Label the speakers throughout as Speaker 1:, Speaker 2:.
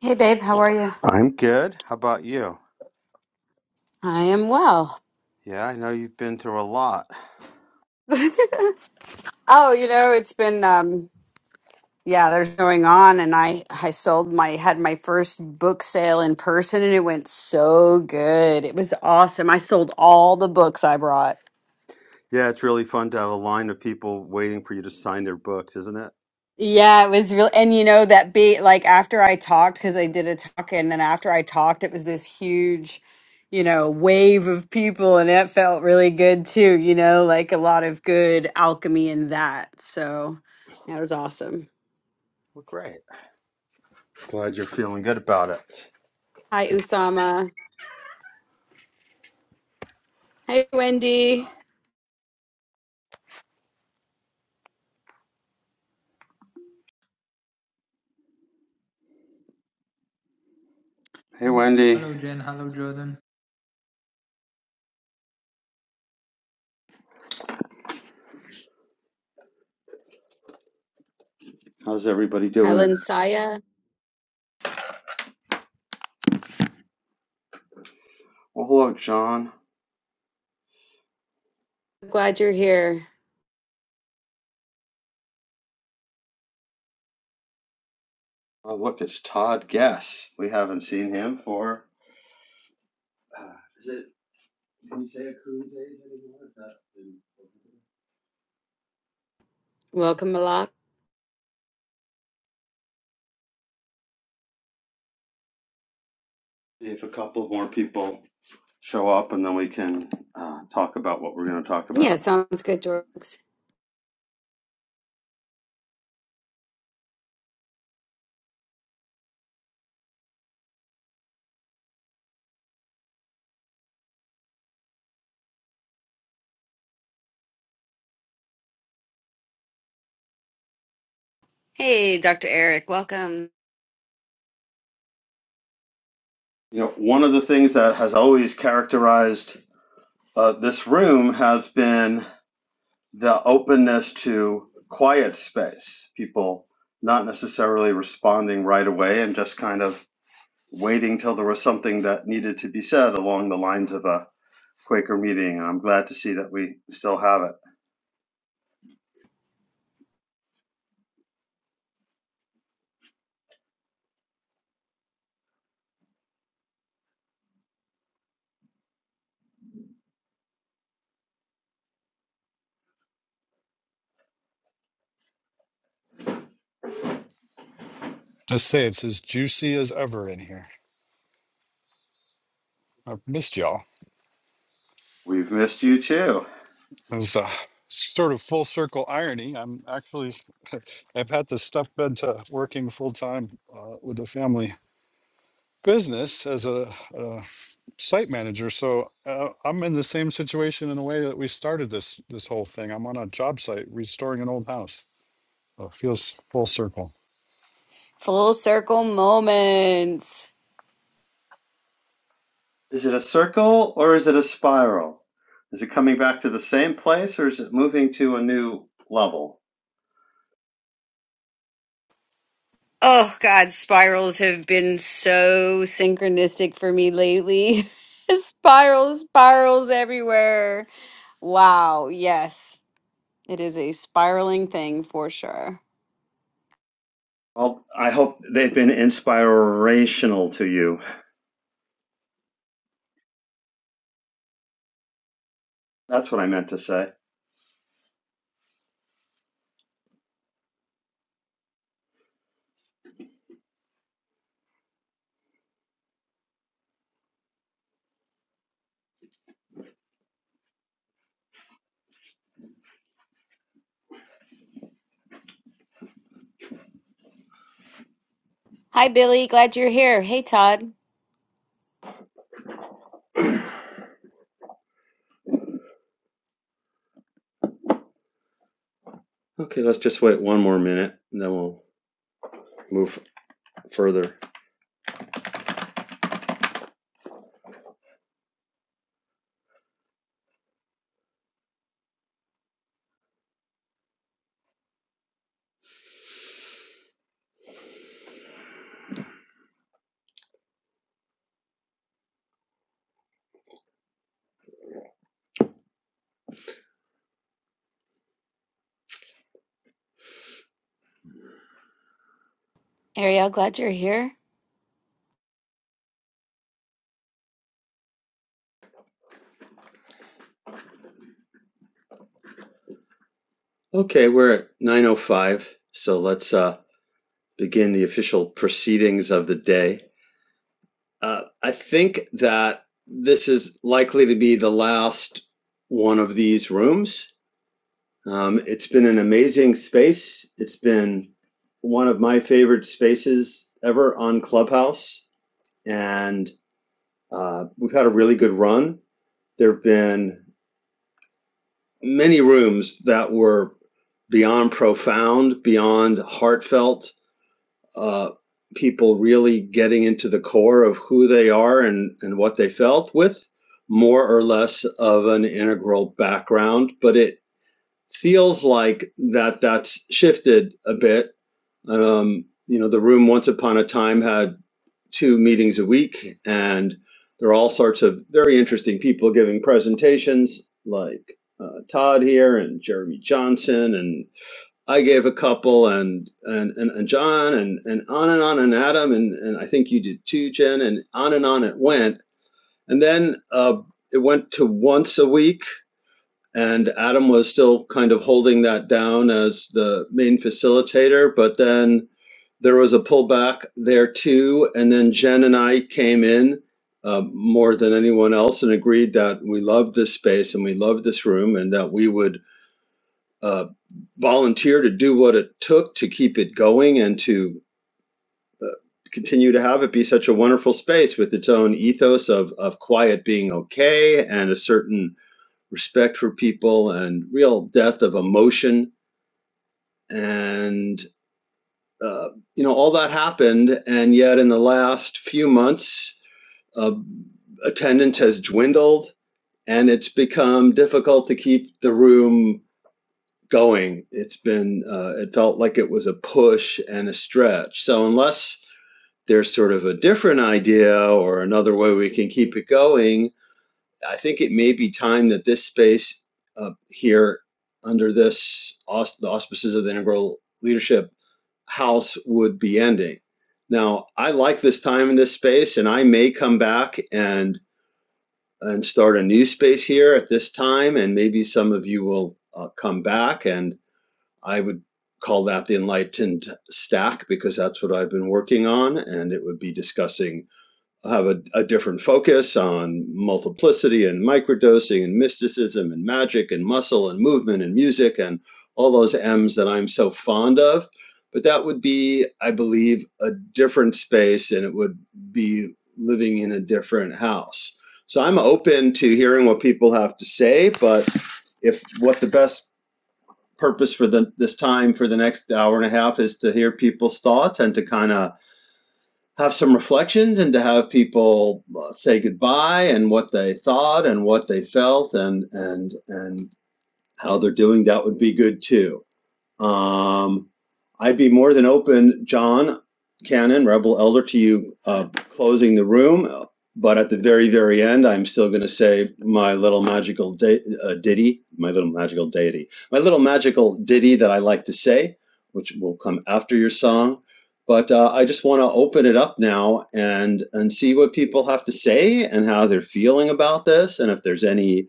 Speaker 1: Hey babe, how are you?
Speaker 2: I'm good. How about you?
Speaker 1: I am well.
Speaker 2: Yeah, I know you've been through a lot.
Speaker 1: Oh, you know, it's been um yeah, there's going on and I I sold my had my first book sale in person and it went so good. It was awesome. I sold all the books I brought.
Speaker 2: Yeah, it's really fun to have a line of people waiting for you to sign their books, isn't it?
Speaker 1: Yeah, it was real and you know that be like after I talked cuz I did a talk and then after I talked it was this huge you know, wave of people and it felt really good too, you know, like a lot of good alchemy in that. So, yeah, it was awesome.
Speaker 2: Well, great. Glad you're feeling good about it.
Speaker 1: Hi, Usama. Hey, Wendy.
Speaker 2: Hey, Wendy.
Speaker 3: Hello Jen, hello Jordan.
Speaker 2: How's everybody
Speaker 1: Hi,
Speaker 2: doing it?
Speaker 1: Linsaya.
Speaker 2: Well, hello, John.
Speaker 1: Glad you're here.
Speaker 2: Oh, look, it's Todd Guess. We haven't seen him for. Uh, is it Isaiah Coon's age anymore? Is that been-
Speaker 1: Welcome, Malak.
Speaker 2: See if a couple more people show up, and then we can uh, talk about what we're going to talk
Speaker 1: Yeah,
Speaker 2: about.
Speaker 1: sounds good, Jorgs. Hey, Dr. Eric. Welcome.
Speaker 2: You know, one of the things that has always characterized uh, this room has been the openness to quiet space, people not necessarily responding right away and just kind of waiting till there was something that needed to be said along the lines of a Quaker meeting. And I'm glad to see that we still have it.
Speaker 4: Just say it's as juicy as ever in here. I've missed y'all.
Speaker 2: We've missed you too.
Speaker 4: As a sort of full circle irony, I'm actually I've had to step into working full time uh, with the family business as a, a site manager. So uh, I'm in the same situation in a way that we started this this whole thing. I'm on a job site restoring an old house. So it feels full circle.
Speaker 1: Full circle moments.
Speaker 2: Is it a circle or is it a spiral? Is it coming back to the same place or is it moving to a new level?
Speaker 1: Oh, God, spirals have been so synchronistic for me lately. spirals, spirals everywhere. Wow, yes. It is a spiraling thing for sure.
Speaker 2: Well, I hope they've been inspirational to you. That's what I meant to say.
Speaker 1: Hi, Billy. Glad you're here. Hey, Todd.
Speaker 2: Okay, let's just wait one more minute and then we'll move further.
Speaker 1: Ariel, glad you're here.
Speaker 2: Okay, we're at 9:05, so let's uh, begin the official proceedings of the day. Uh, I think that this is likely to be the last one of these rooms. Um, it's been an amazing space. It's been one of my favorite spaces ever on Clubhouse, and Uh, we've had a really good run. There have been many rooms that were beyond profound, beyond heartfelt, uh, people really getting into the core of who they are and, and what they felt with more or less of an integral background. But it feels like that that's shifted a bit um, you know, the room once upon a time had two meetings a week, and there are all sorts of very interesting people giving presentations, like uh, Todd here and Jeremy Johnson, and I gave a couple, and and and, and John, and and on and on, and Adam, and and I think you did too, Jen, and on and on it went, and then uh, it went to once a week and Adam was still kind of holding that down as the main facilitator, but then there was a pullback there too. And then Jen and I came in uh, more than anyone else and agreed that we loved this space and we loved this room and that we would uh, volunteer to do what it took to keep it going and to uh, continue to have it be such a wonderful space with its own ethos of, of quiet being okay and a certain respect for people and real depth of emotion and uh, you know all that happened and yet in the last few months uh, attendance has dwindled and it's become difficult to keep the room going it's been uh, it felt like it was a push and a stretch so unless there's sort of a different idea or another way we can keep it going I think it may be time that this space uh, here, under this aus- the auspices of the Integral Leadership House, would be ending. Now, I like this time in this space, and I may come back and and start a new space here at this time, and maybe some of you will uh, come back, and I would call that the Enlightened Stack because that's what I've been working on, and it would be discussing have a, a different focus on multiplicity and microdosing and mysticism and magic and muscle and movement and music and all those M's that I'm so fond of. But that would be, I believe, a different space and it would be living in a different house. So I'm open to hearing what people have to say, but if what the best purpose for the, this time for the next hour and a half is to hear people's thoughts and to kind of have some reflections and to have people uh, say goodbye and what they thought and what they felt and and and how they're doing that would be good too um, I'd be more than open, John Cannon, Rebel Elder, to you uh, closing the room. But at the very, very end, I'm still going to say my little magical da- uh, ditty, my little magical deity, my little magical ditty that I like to say, which will come after your song. But uh, I just want to open it up now and and see what people have to say and how they're feeling about this, and if there's any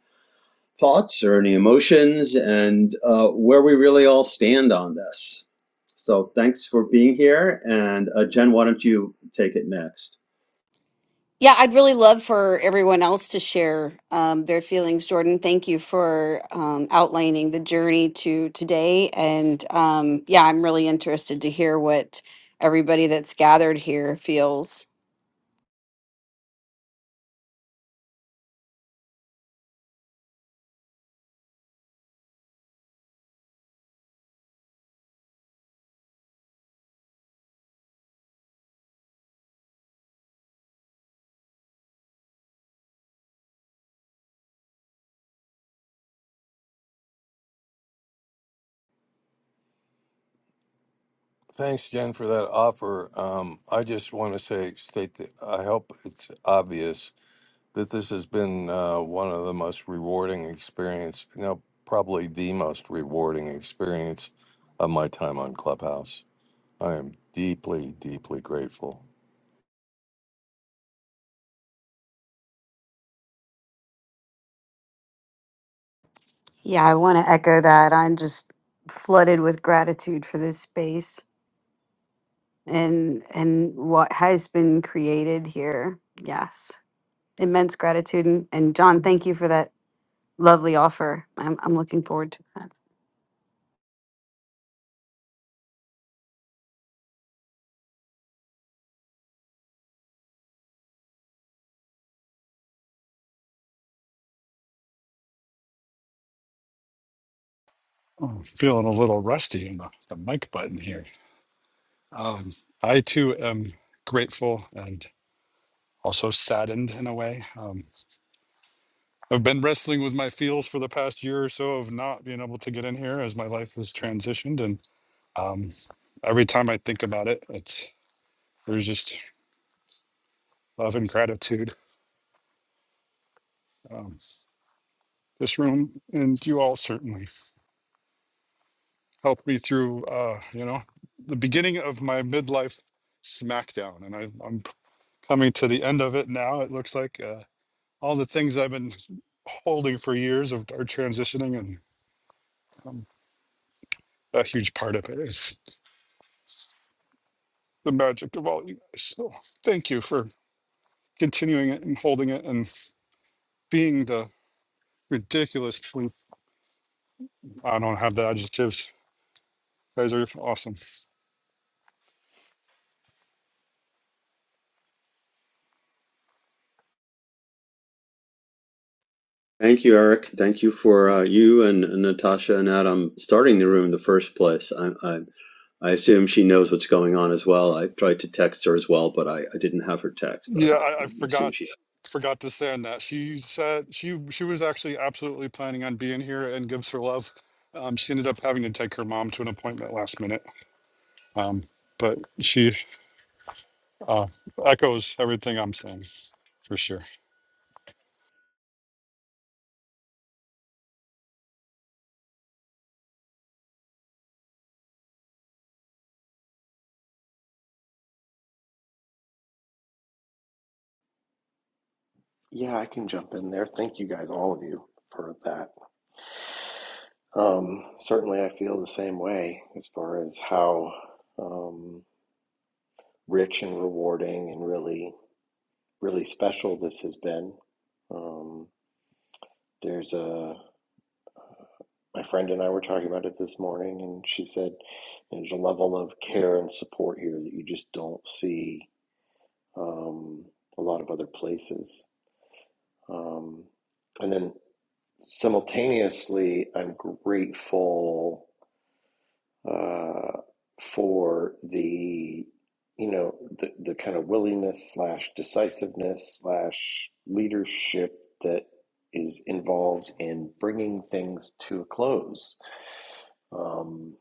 Speaker 2: thoughts or any emotions and uh, where we really all stand on this. So thanks for being here. And uh, Jen, why don't you take it next?
Speaker 1: Yeah, I'd really love for everyone else to share um, their feelings. Jordan, thank you for um, outlining the journey to today. And um, yeah, I'm really interested to hear what everybody that's gathered here feels.
Speaker 5: Thanks, Jen, for that offer. Um, I just want to say, state that I hope it's obvious that this has been uh, one of the most rewarding experience, no, probably the most rewarding experience of my time on Clubhouse. I am deeply, deeply grateful.
Speaker 1: Yeah, I want to echo that. I'm just flooded with gratitude for this space and and what has been created here. Yes, immense gratitude. And, and John, thank you for that lovely offer. I'm, I'm looking forward to that.
Speaker 4: Oh, I'm feeling a little rusty in the, the mic button here. Um, I too am grateful and also saddened in a way. Um, I've been wrestling with my feels for the past year or so of not being able to get in here as my life has transitioned. And um, every time I think about it, it's there's just love and gratitude. Um, this room and you all certainly helped me through, uh, you know, the beginning of my midlife smackdown. And I, I'm p- coming to the end of it now. It looks like uh, all the things I've been holding for years of, are transitioning and um, a huge part of it is. the magic of all you guys. So thank you for continuing it and holding it and being the ridiculous truth. I don't have the adjectives. You guys are awesome.
Speaker 2: Thank you, Eric. Thank you for uh, you and and Natasha and Adam starting the room in the first place. I, I, I assume she knows what's going on as well. I tried to text her as well, but I, I didn't have her text,
Speaker 4: Yeah,
Speaker 2: but I,
Speaker 4: I, I
Speaker 2: I assume
Speaker 4: forgot
Speaker 2: she. has.
Speaker 4: forgot to say on that. She said she she was actually absolutely planning on being here and gives her love. Um, she ended up having to take her mom to an appointment last minute. Um, but she uh, echoes everything I'm saying for sure.
Speaker 6: Yeah, I can jump in there. Thank you guys, all of you, for that. Um, certainly, I feel the same way as far as how um, rich and rewarding and really, really special this has been. Um, there's a my friend and I were talking about it this morning, and she said there's a level of care and support here that you just don't see um, a lot of other places. Um, and then Simultaneously, I'm grateful uh, for the, you know, the, the kind of willingness slash decisiveness slash leadership that is involved in bringing things to a close. Um,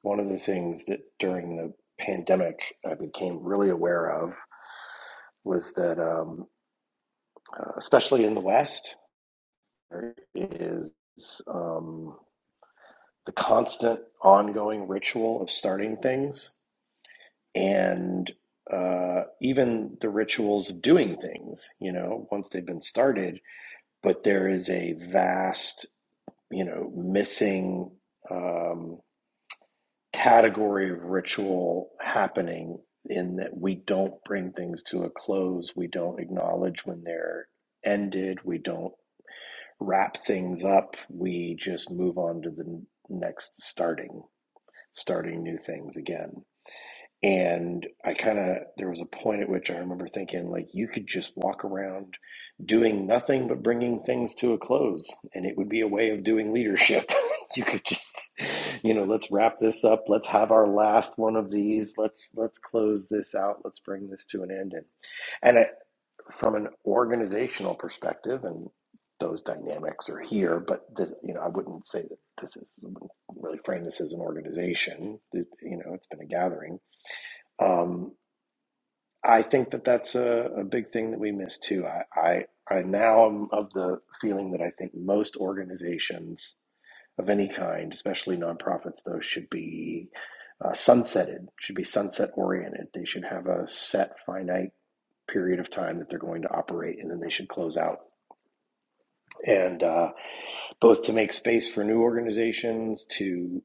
Speaker 6: one of the things that during the pandemic I became really aware of was that, um, uh, especially in the West, there is. Um, the constant ongoing ritual of starting things and uh, even the rituals of doing things, you know, once they've been started, but there is a vast, you know, missing um, category of ritual happening in that we don't bring things to a close. We don't acknowledge when they're ended. We don't wrap things up. We just move on to the next starting. starting new things again. And I kind of, there was a point at which I remember thinking, like, you could just walk around doing nothing but bringing things to a close, and it would be a way of doing leadership. you could just, you know, let's wrap this up. Let's have our last one of these. Let's let's close this out. Let's bring this to an end. And and I, from an organizational perspective, and those dynamics are here, but this, you know, I wouldn't say that this is I wouldn't really frame this as an organization. It- you know, it's been a gathering um, I think that that's a, a big thing that we miss too. I, I, I now am of the feeling that I think most organizations of any kind, especially nonprofits, though, should be uh, sunsetted, should be sunset oriented. They should have a set finite period of time that they're going to operate and then they should close out. And uh, both to make space for new organizations, to.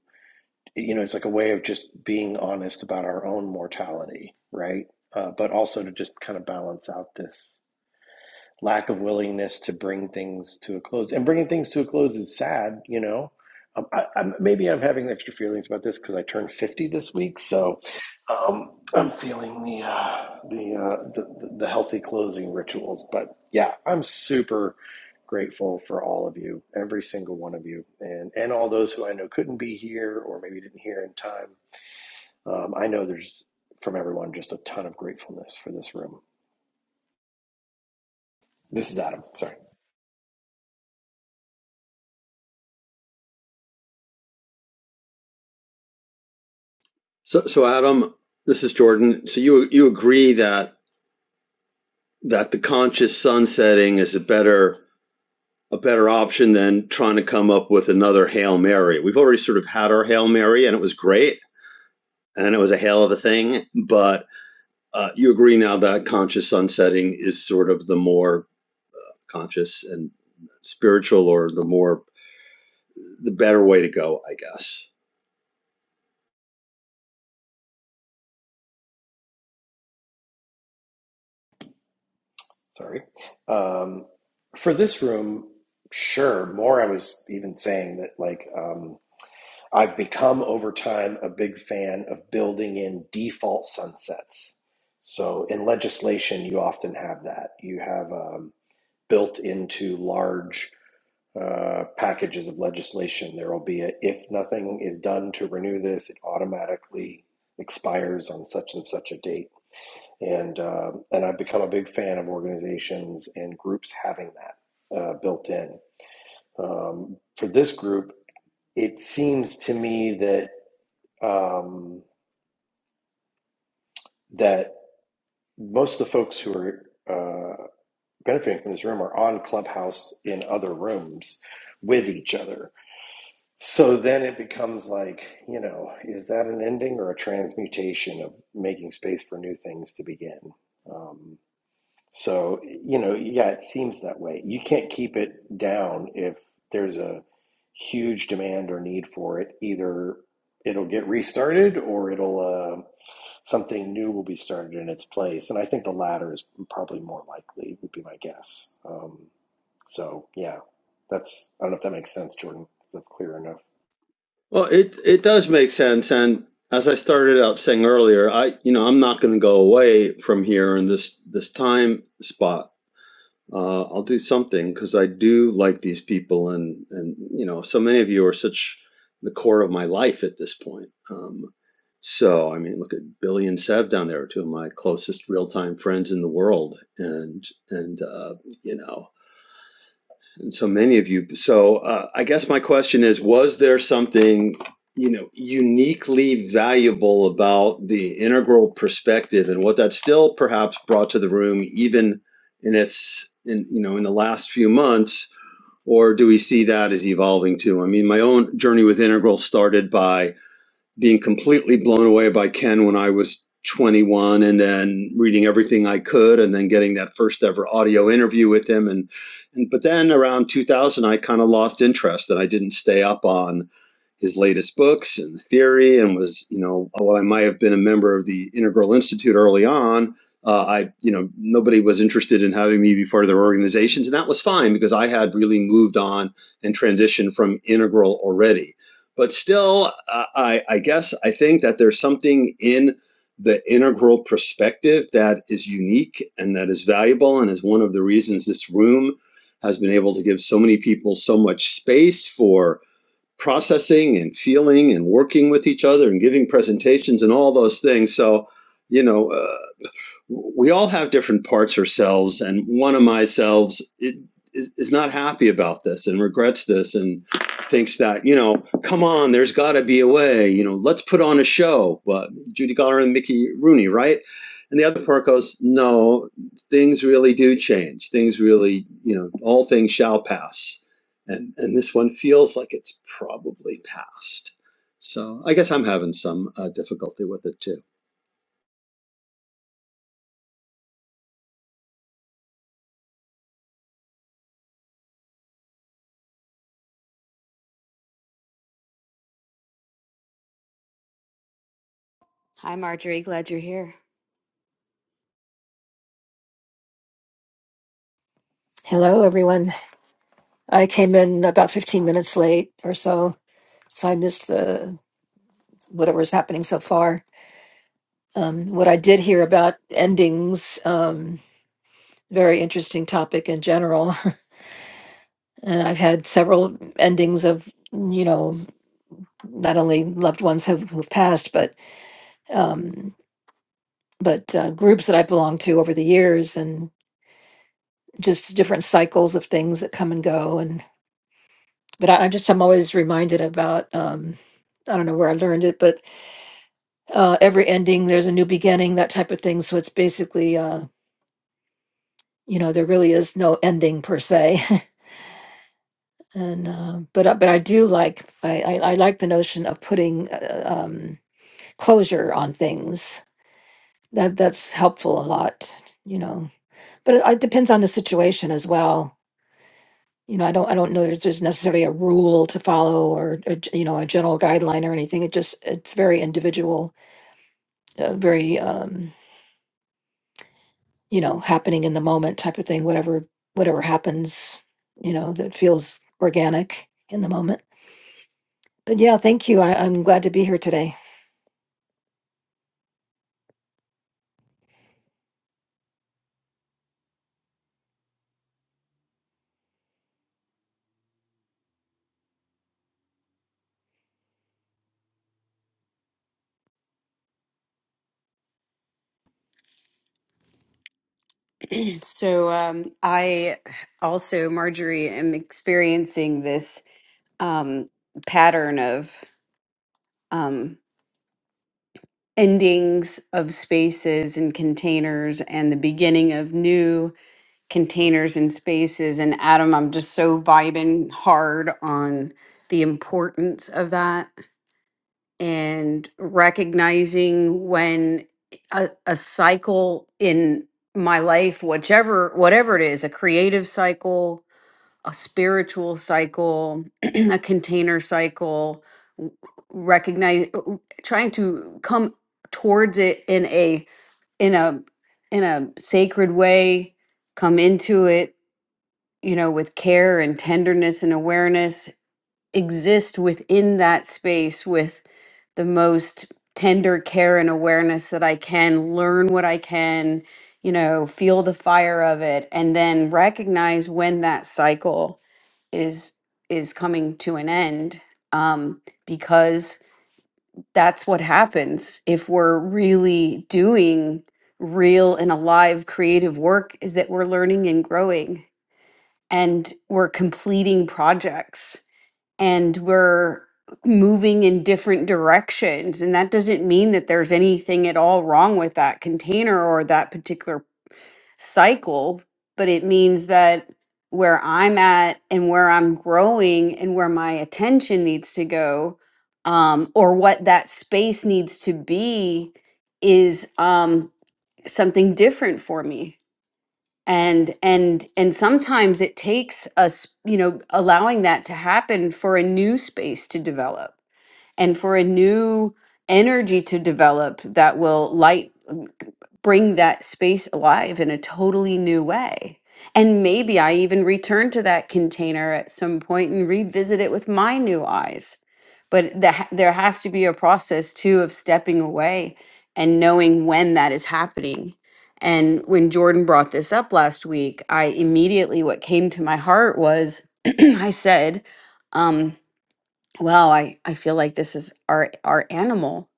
Speaker 6: you know, it's like a way of just being honest about our own mortality, right? Uh, but also to just kind of balance out this lack of willingness to bring things to a close. And bringing things to a close is sad, you know. Um, I, I'm, maybe I'm having extra feelings about this because I turned 50 this week, so um, I'm feeling the uh, the, uh, the the healthy closing rituals. But yeah, I'm super grateful for all of you, every single one of you, and and all those who I know couldn't be here or maybe didn't hear in time. Um, I know there's from everyone just a ton of gratefulness for this room. This is Adam. Sorry.
Speaker 2: So, so Adam, this is Jordan. So you you agree that that the conscious sun setting is a better a better option than trying to come up with another Hail Mary. We've already sort of had our Hail Mary and it was great and it was a hail of a thing. But uh, you agree now that conscious sunsetting is sort of the more conscious and spiritual or the more, the better way to go, I guess.
Speaker 6: sorry. Um, for this room, sure. More, I was even saying that, like, um, I've become over time a big fan of building in default sunsets. So in legislation, you often have that. You have um, built into large uh, packages of legislation, there will be a if nothing is done to renew this, it automatically expires on such and such a date and uh, and I've become a big fan of organizations and groups having that uh, built in. Um, for this group, it seems to me that um, that most of the folks who are uh, benefiting from this room are on Clubhouse in other rooms with each other. So then it becomes like, you know, is that an ending or a transmutation of making space for new things to begin? Um, So, you know, yeah, it seems that way. You can't keep it down if there's a huge demand or need for it. Either it'll get restarted or it'll uh, something new will be started in its place. And I think the latter is probably more likely, would be my guess. Um, so, yeah, that's, I don't know if that makes sense, Jordan. if That's clear enough.
Speaker 2: Well, it, it does make sense. And as I started out saying earlier, I, you know, I'm not going to go away from here in this, this time spot Uh, I'll do something because I do like these people, and and you know, so many of you are such the core of my life at this point. Um, so I mean, look at Billy and Sev down there, two of my closest real time friends in the world, and and uh, you know. And so many of you. So uh, I guess my question is, was there something, you know, uniquely valuable about the integral perspective and what that still perhaps brought to the room, even in its, in, you know, in the last few months? Or do we see that as evolving too? I mean, my own journey with integral started by being completely blown away by Ken when I was 21 and then reading everything I could and then getting that first ever audio interview with him and, and but then around 2000 I kind of lost interest and I didn't stay up on his latest books and the theory and was you know while i might have been a member of the integral institute early on uh, i you know nobody was interested in having me be part of their organizations and that was fine because i had really moved on and transitioned from integral already but still uh, i i guess i think that there's something in the integral perspective that is unique and that is valuable and is one of the reasons this room has been able to give so many people so much space for processing and feeling and working with each other and giving presentations and all those things. So, you know, uh, we all have different parts ourselves and one of myself is, is not happy about this and regrets this and thinks that you know come on there's got to be a way you know let's put on a show but judy garland and mickey rooney right and the other part goes no things really do change things really you know all things shall pass and and this one feels like it's probably past so i guess i'm having some uh, difficulty with it too
Speaker 1: Hi, Marjorie. Glad you're here.
Speaker 7: Hello, everyone. I came in about 15 minutes late or so, so I missed the whatever's happening so far. Um, what I did hear about endings, um, very interesting topic in general. And I've had several endings of, you know, not only loved ones who've, who've passed, but um, but uh, groups that I've belonged to over the years, and just different cycles of things that come and go. And but I, I just I'm always reminded about um, I don't know where I learned it, but uh, every ending there's a new beginning that type of thing so it's basically uh, you know there really is no ending per se and uh, but I- but i do like I, I i like the notion of putting uh, uh, um closure on things that that's helpful a lot you know but it, it depends on the situation as well you know i don't i don't know if there's necessarily a rule to follow or, or you know a general guideline or anything it just it's very individual uh, very um you know happening in the moment type of thing whatever whatever happens you know that feels organic in the moment but yeah thank you I, i'm glad to be here today
Speaker 1: So um, I also, Marjorie, am experiencing this um, pattern of um, endings of spaces and containers and the beginning of new containers and spaces. And Adam, I'm just so vibing hard on the importance of that and recognizing when a, a cycle in my life, whichever, whatever it is, a creative cycle a spiritual cycle, a container cycle, w- recognize w- trying to come towards it in a in a in a sacred way, come into it, you know, with care and tenderness and awareness exist within that space with the most tender care and awareness that I can, learn what I can, you know, feel the fire of it, and then recognize when that cycle is is coming to an end. Um, because that's what happens if we're really doing real and alive creative work is that we're learning and growing and we're completing projects and we're moving in different directions. And that doesn't mean that there's anything at all wrong with that container or that particular cycle, but it means that where I'm at and where I'm growing and where my attention needs to go, um, or what that space needs to be, is um, something different for me and and and sometimes it takes us you know allowing that to happen for a new space to develop and for a new energy to develop that will light mm, bring that space alive in a totally new way. And maybe I even return to that container at some point and revisit it with my new eyes. But the, ha- there has to be a process too of stepping away and knowing when that is happening. And when Jordan brought this up last week, I immediately, what came to my heart was I said, um, Wow, I, I feel like this is our our animal,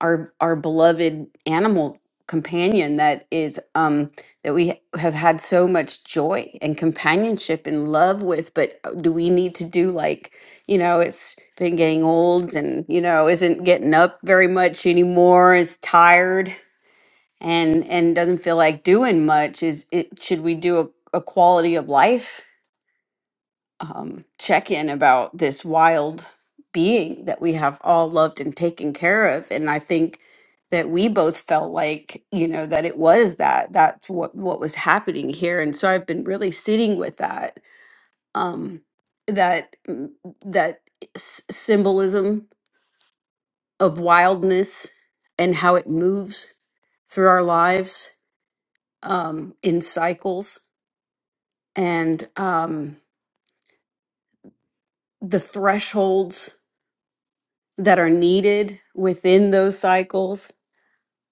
Speaker 1: our our beloved animal companion that is um that we ha- have had so much joy and companionship and love with, but uh, do we need to do like, you know, it's been getting old and, you know, isn't getting up very much anymore, is tired and and doesn't feel like doing much. Is it should we do a, a quality of life? um, check in about this wild being that we have all loved and taken care of. And I think that we both felt like, you know, that it was that that's what what was happening here. And so I've been really sitting with that um, that mm, that s- symbolism of wildness and how it moves through our lives um, in cycles and um, the thresholds that are needed within those cycles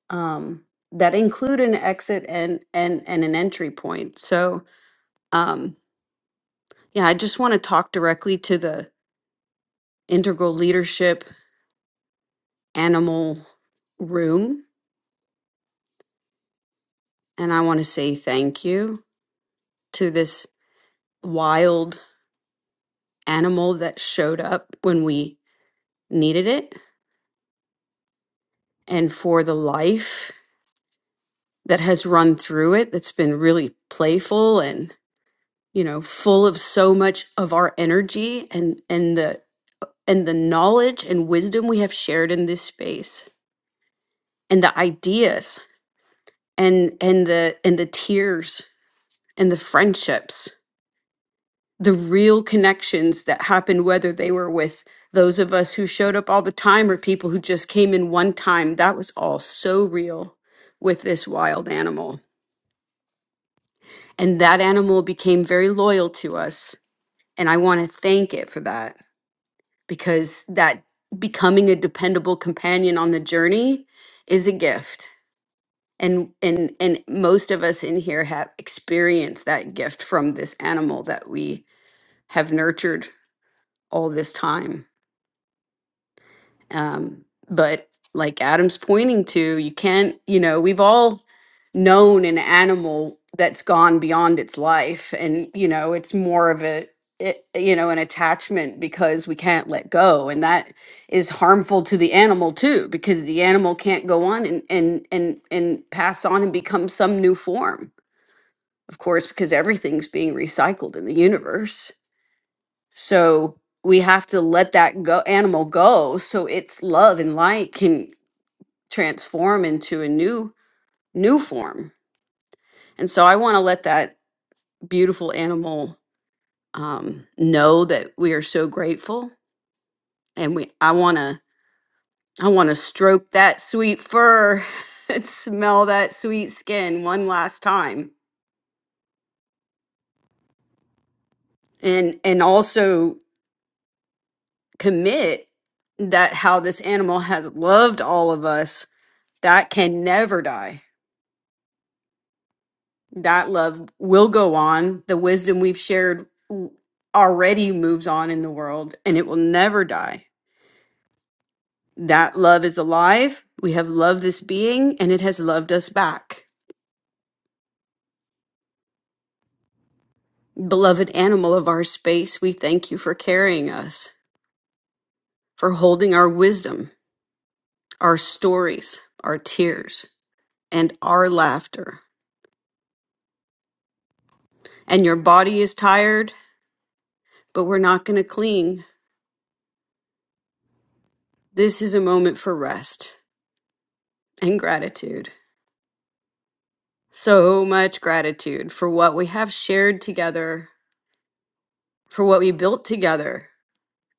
Speaker 1: um, that include an exit and and and an entry point. So um, yeah, I just want to talk directly to the integral leadership animal room, and I want to say thank you to this wild animal that showed up when we needed it, and for the life that has run through it that's been really playful and. you know full of so much of our energy and and the and the knowledge and wisdom we have shared in this space and the ideas and and the and the tears and the friendships the real connections that happened whether they were with those of us who showed up all the time or people who just came in one time that was all so real with this wild animal and that animal became very loyal to us and i want to thank it for that because that becoming a dependable companion on the journey is a gift and and and most of us in here have experienced that gift from this animal that we have nurtured all this time Um, but like Adam's pointing to, you can't, you know, we've all known an animal that's gone beyond its life. And, you know, it's more of a, it, you know, an attachment because we can't let go. And that is harmful to the animal too, because the animal can't go on and, and, and, and pass on and become some new form. Of course, because everything's being recycled in the universe. So we have to let that go animal go so its love and light can transform into a new new form. And so I want to let that beautiful animal um, know that we are so grateful and we I want to I want to stroke that sweet fur and smell that sweet skin one last time and and also commit that how this animal has loved all of us that can never die that love will go on. The wisdom we've shared w- already moves on in the world and it will never die. That love is alive. We have loved this being and it has loved us back. Beloved animal of our space, we thank you for carrying us, for holding our wisdom, our stories, our tears, and our laughter. And your body is tired, but we're not going to cling. This is a moment for rest and gratitude. So much gratitude for what we have shared together, for what we built together.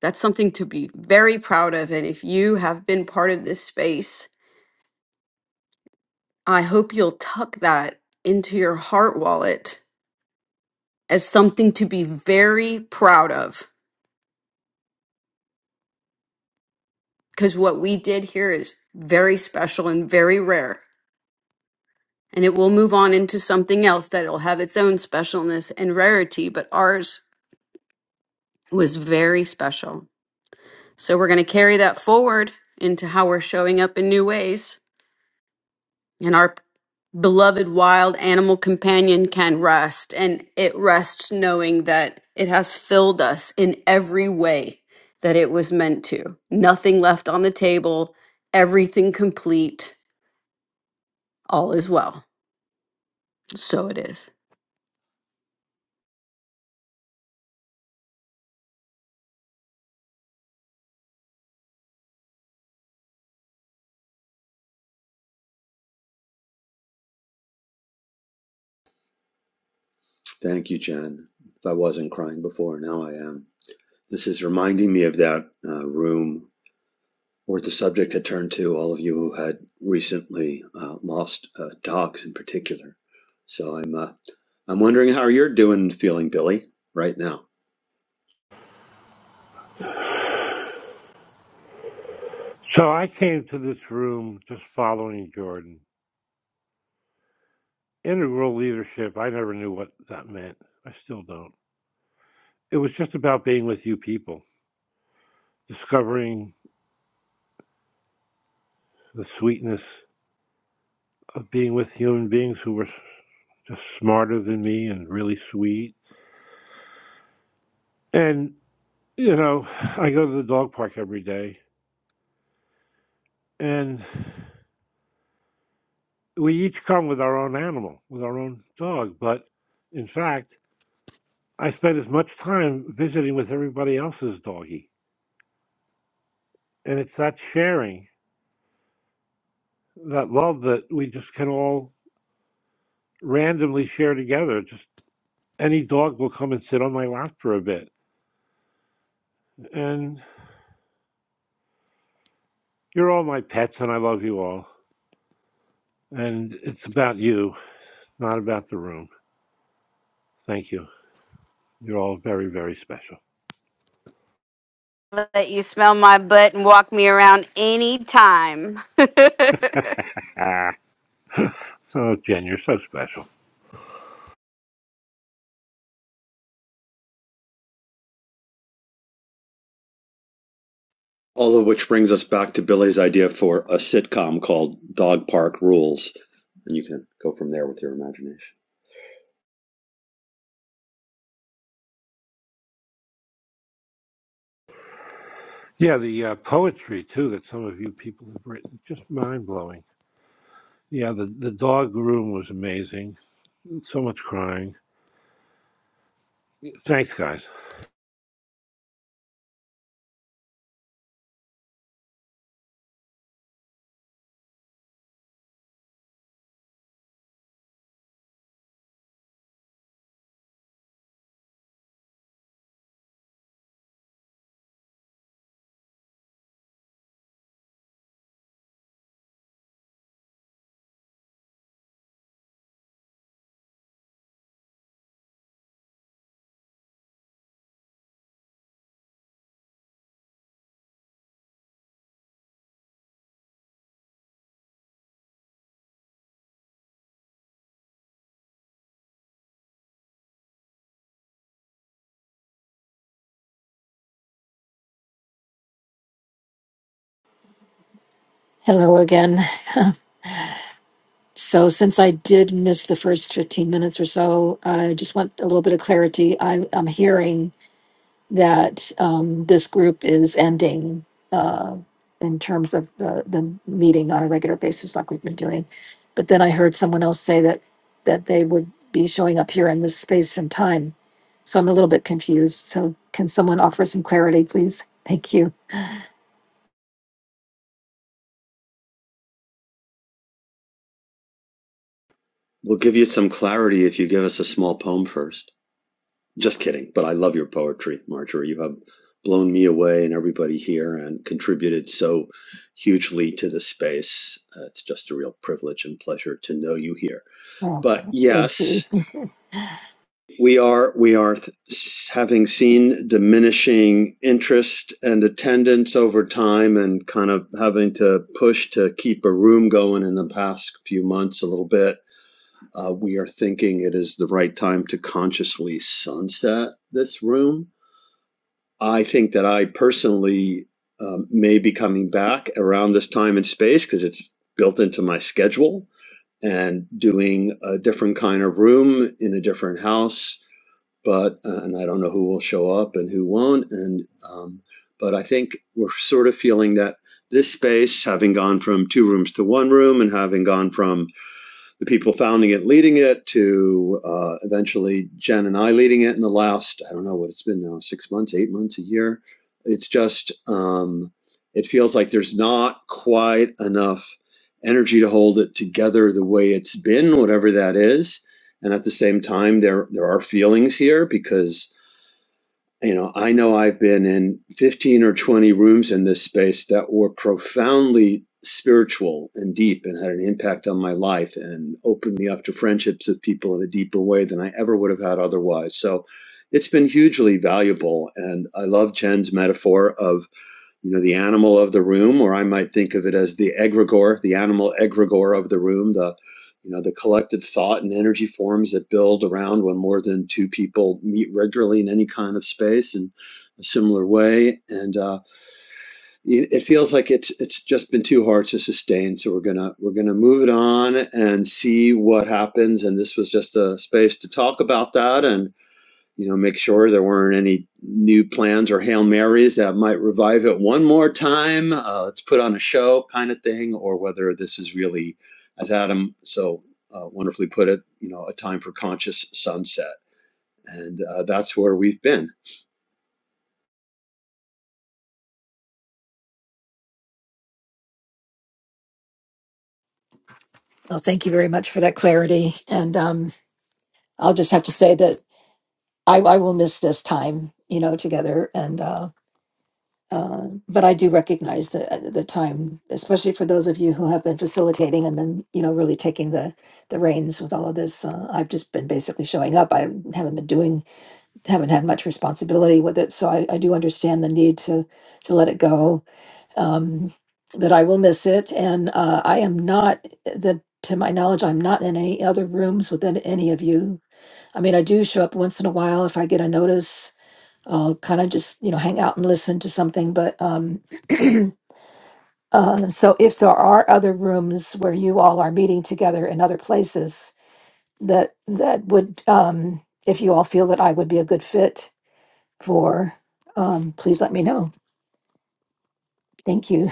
Speaker 1: That's something to be very proud of. And if you have been part of this space, I hope you'll tuck that into your heart wallet as something to be very proud of. Because what we did here is very special and very rare. And it will move on into something else that'll have its own specialness and rarity, but ours was very special. So we're going to carry that forward into how we're showing up in new ways. And our beloved wild animal companion can rest. And it rests knowing that it has filled us in every way that it was meant to. Nothing left on the table, everything complete, all is well. So it is.
Speaker 2: Thank you, Jen. If I wasn't crying before, now I am. This is reminding me of that uh, room where the subject had turned to all of you who had recently uh, lost uh, dogs in particular. So I'm uh, I'm wondering how you're doing, feeling Billy, right now.
Speaker 8: So I came to this room just following Jordan. Integral leadership, I never knew what that meant. I still don't. It was just about being with you people, discovering the sweetness of being with human beings who were s- just smarter than me and really sweet. And, you know, I go to the dog park every day, and we each come with our own animal, with our own dog. But in fact, I spend as much time visiting with everybody else's doggy, And it's that sharing that love that we just can all randomly share together. Just any dog will come and sit on my lap for a bit. And you're all my pets, and I love you all. And it's about you, not about the room. Thank you. You're all very, very special.
Speaker 1: Let you smell my butt and walk me around anytime.
Speaker 8: Ah, so Jen, you're so special.
Speaker 2: All of which brings us back to Billy's idea for a sitcom called Dog Park Rules, and you can go from there with your imagination.
Speaker 8: Yeah, the uh, poetry too that some of you people have written, just mind blowing. Yeah, the, the dog room was amazing. So much crying. Thanks, guys.
Speaker 7: hello again so since i did miss the first 15 minutes or so i just want a little bit of clarity I, i'm hearing that um, this group is ending uh, in terms of the, the meeting on a regular basis like we've been doing. But then I heard someone else say that that they would be showing up here in this space and time. So I'm a little bit confused. So can someone offer some clarity, please? Thank you.
Speaker 2: We'll give you some clarity if you give us a small poem first. Just kidding, but I love your poetry, Marjorie. You have blown me away and everybody here and contributed so hugely to the space. Uh, it's just a real privilege and pleasure to know you here. But
Speaker 7: Oh, so cute.
Speaker 2: yes, we are we are th- having seen diminishing interest and attendance over time and kind of having to push to keep a room going in the past few months a little bit uh, we are thinking it is the right time to consciously sunset this room I think that I personally um, may be coming back around this time and space because it's built into my schedule and doing a different kind of room in a different house. But uh, and I don't know who will show up and who won't. And um, but I think we're sort of feeling that this space, having gone from two rooms to one room, and having gone from the people founding it, leading it, to uh, eventually Jen and I leading it in the last, I don't know what it's been now, six months, eight months, a year. It's just, um, it feels like there's not quite enough energy to hold it together the way it's been, whatever that is. And at the same time, there there are feelings here because you know, I know I've been in 15 or 20 rooms in this space that were profoundly spiritual and deep and had an impact on my life and opened me up to friendships with people in a deeper way than I ever would have had otherwise. So it's been hugely valuable. And I love Jen's metaphor of you know, the animal of the room, or I might think of it as the egregore, the animal egregore of the room, the you know, the collective thought and energy forms that build around when more than two people meet regularly in any kind of space in a similar way. And uh, it, it feels like it's it's just been too hard to sustain. So we're gonna we're gonna move it on and see what happens. And this was just a space to talk about that. and you know, make sure there weren't any new plans or Hail Marys that might revive it one more time. Uh, let's put on a show kind of thing, or whether this is really, as Adam so uh, wonderfully put it, you know, a time for conscious sunset. And uh, that's where we've been.
Speaker 7: Well, thank you very much for that clarity. And um, I'll just have to say that I, I will miss this time, you know, together. And uh, Uh, but I do recognize the uh, the time, especially for those of you who have been facilitating and then you know really taking the the reins with all of this. Uh, I've just been basically showing up. I haven't been doing, haven't had much responsibility with it, so I, I do understand the need to to let it go. Um, but I will miss it, and uh, I am not the. To my knowledge, I'm not in any other rooms with any any of you. I mean, I do show up once in a while if I get a notice uh, kind of just you know hang out and listen to something. But um, uh, so if there are other rooms where you all are meeting together in other places, that that would um, if you all feel that I would be a good fit for, um, please let me know. Thank you.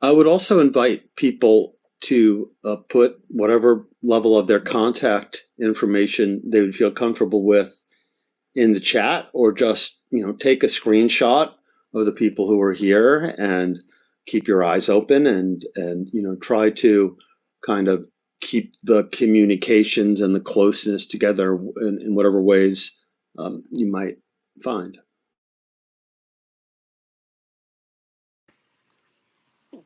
Speaker 2: I would also invite people to uh, put whatever level of their contact information they would feel comfortable with in the chat or just, you know, take a screenshot of the people who are here and keep your eyes open and and you know, try to kind of keep the communications and the closeness together in, in whatever ways um, you might find.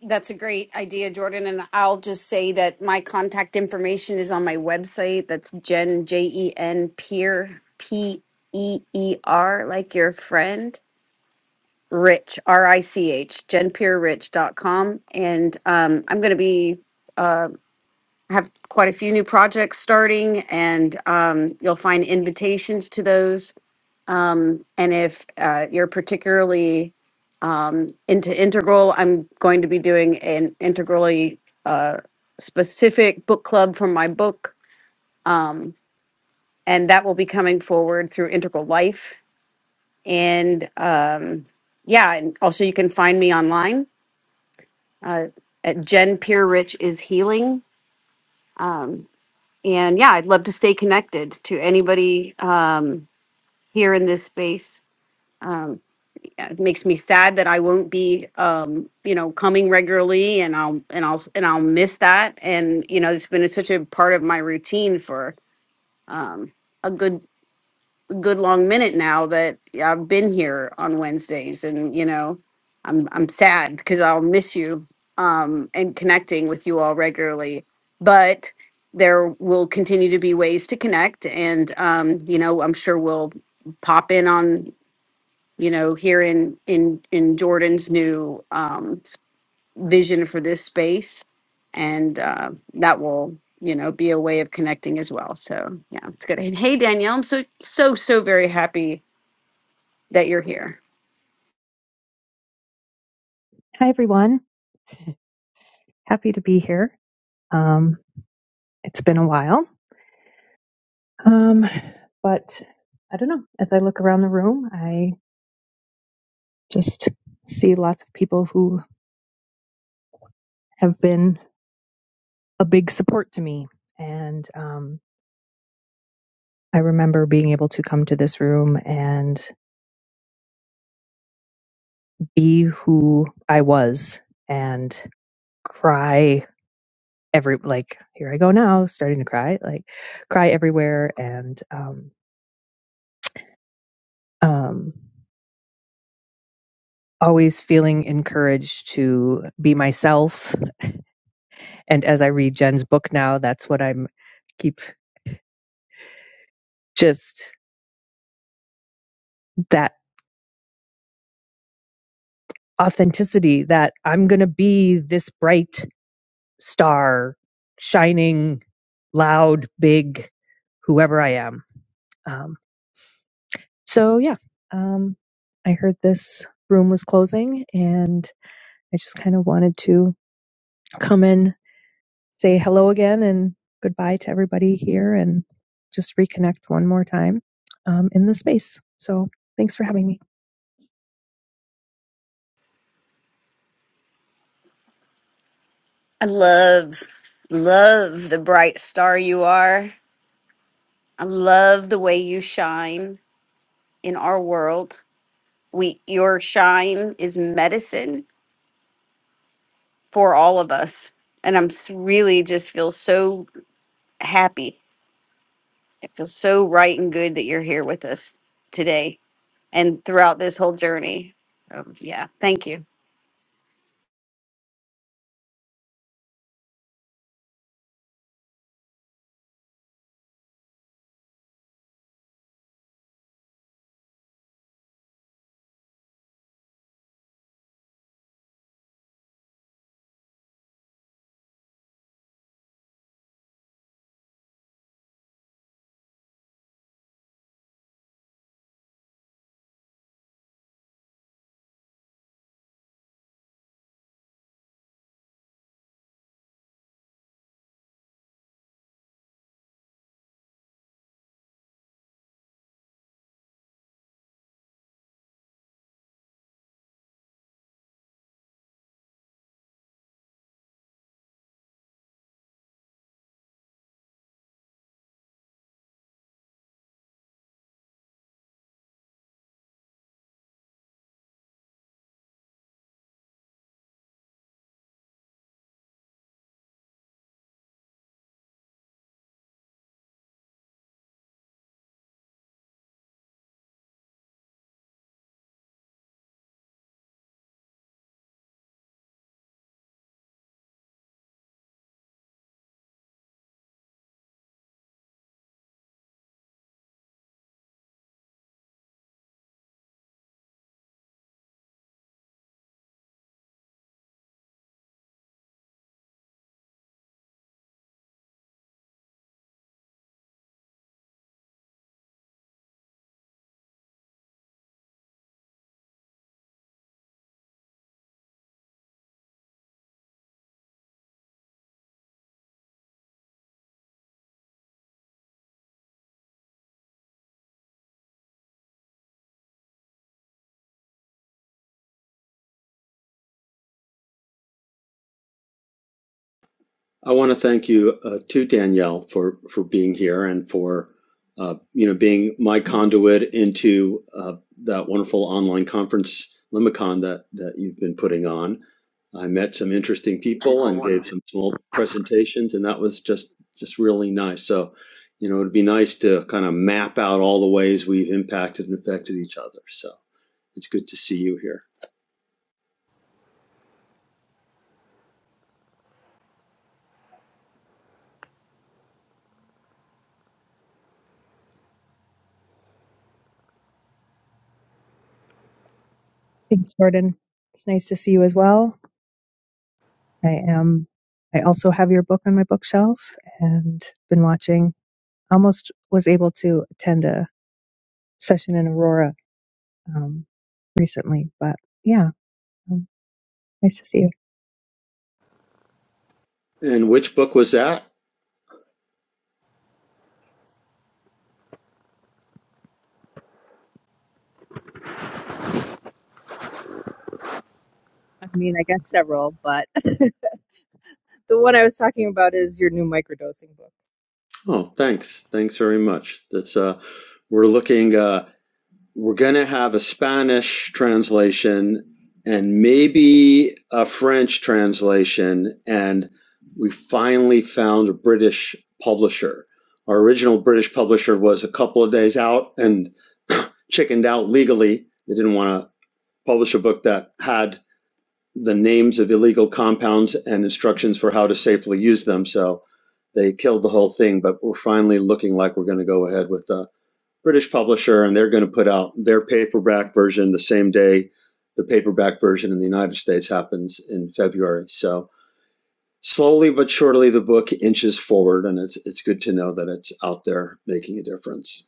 Speaker 1: That's a great idea, Jordan. And I'll just say that my contact information is on my website. That's Jen, J E N, Peer, P E E R, like your friend, Rich, R I C H, jen peer rich dot com. And um, I'm going to be have quite a few new projects starting, and um, you'll find invitations to those. And if uh, you're particularly into integral i'm going to be doing an integrally uh, specific book club for my book and that will be coming forward through integral life and um, yeah and also you can find me online uh, at jen Peer rich is healing um, and yeah i'd love to stay connected to anybody um, here in this space It makes me sad that I won't be, um, you know, coming regularly, and I'll and I'll and I'll miss that. And you know, it's been such a part of my routine for a good good long minute now that I've been here on Wednesdays, and you know, I'm I'm sad because I'll miss you um, and connecting with you all regularly. But there will continue to be ways to connect, and um, you know, I'm sure we'll pop in on you know, here in in in Jordan's new um, s- vision for this space, and uh, that will you know be a way of connecting as well. So yeah, it's good. And hey, Danielle, I'm so so so very happy that you're here.
Speaker 9: Hi, everyone. Happy to be here. Um, it's been a while. Um, but I don't know. As I look around the room, I just see lots of people who have been a big support to me. And um, I remember being able to come to this room and be who I was and cry every, like, here I go now, starting to cry, like, cry everywhere. And, um, um, always feeling encouraged to be myself. And as I read Jen's book now, that's what I'm keep just that authenticity that I'm going to be this bright star, shining, loud, big, whoever I am. Um, so, yeah, um, I heard this room was closing and I just kind of wanted to come in say hello again and goodbye to everybody here and just reconnect one more time um, in the space. So thanks for having me.
Speaker 1: I love, love the bright star you are. I love the way you shine in our world. We, your shine is medicine for all of us. And I'm s- really just feel so happy It feels so right and good that you're here with us today and throughout this whole journey. Um, yeah, thank you.
Speaker 2: I want to thank you uh, to Danielle for for being here and for uh, you know being my conduit into uh, that wonderful online conference Limicon that that you've been putting on. I met some interesting people and gave some small presentations, and that was just just really nice. So, you know, it'd be nice to kind of map out all the ways we've impacted and affected each other. So it's good to see you here.
Speaker 9: Thanks, Jordan. It's nice to see you as well. I am. I also have your book on my bookshelf and been watching. Almost was able to attend a session in Aurora um, recently, but yeah, Nice to see you.
Speaker 2: And which book was that?
Speaker 9: I mean, I got several, but the one I was talking about is your new microdosing book.
Speaker 2: Oh, thanks. Thanks very much. That's uh we're looking uh we're gonna have a Spanish translation and maybe a French translation and we finally found a British publisher. Our original British publisher was a couple of days out and chickened out legally. They didn't want to publish a book that had the names of illegal compounds and instructions for how to safely use them. So they killed the whole thing, but we're finally looking like we're going to go ahead with the British publisher, and they're going to put out their paperback version the same day the paperback version in the United States happens in February. So slowly but surely, the book inches forward, and it's it's good to know that it's out there making a difference.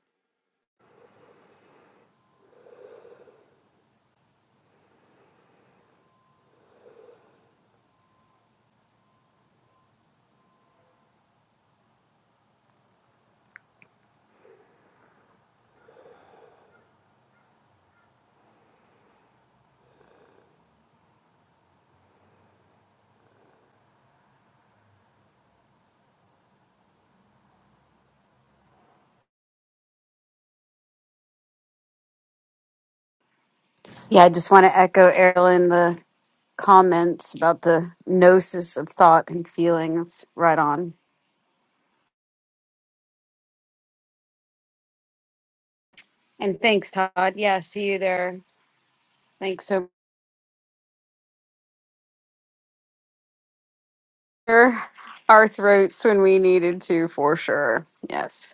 Speaker 1: Yeah, I just want to echo Erin the comments about the gnosis of thought and feeling. That's right on. And thanks, Todd. Yeah, see you there. Thanks so much. Our throats when we needed to, for sure. Yes.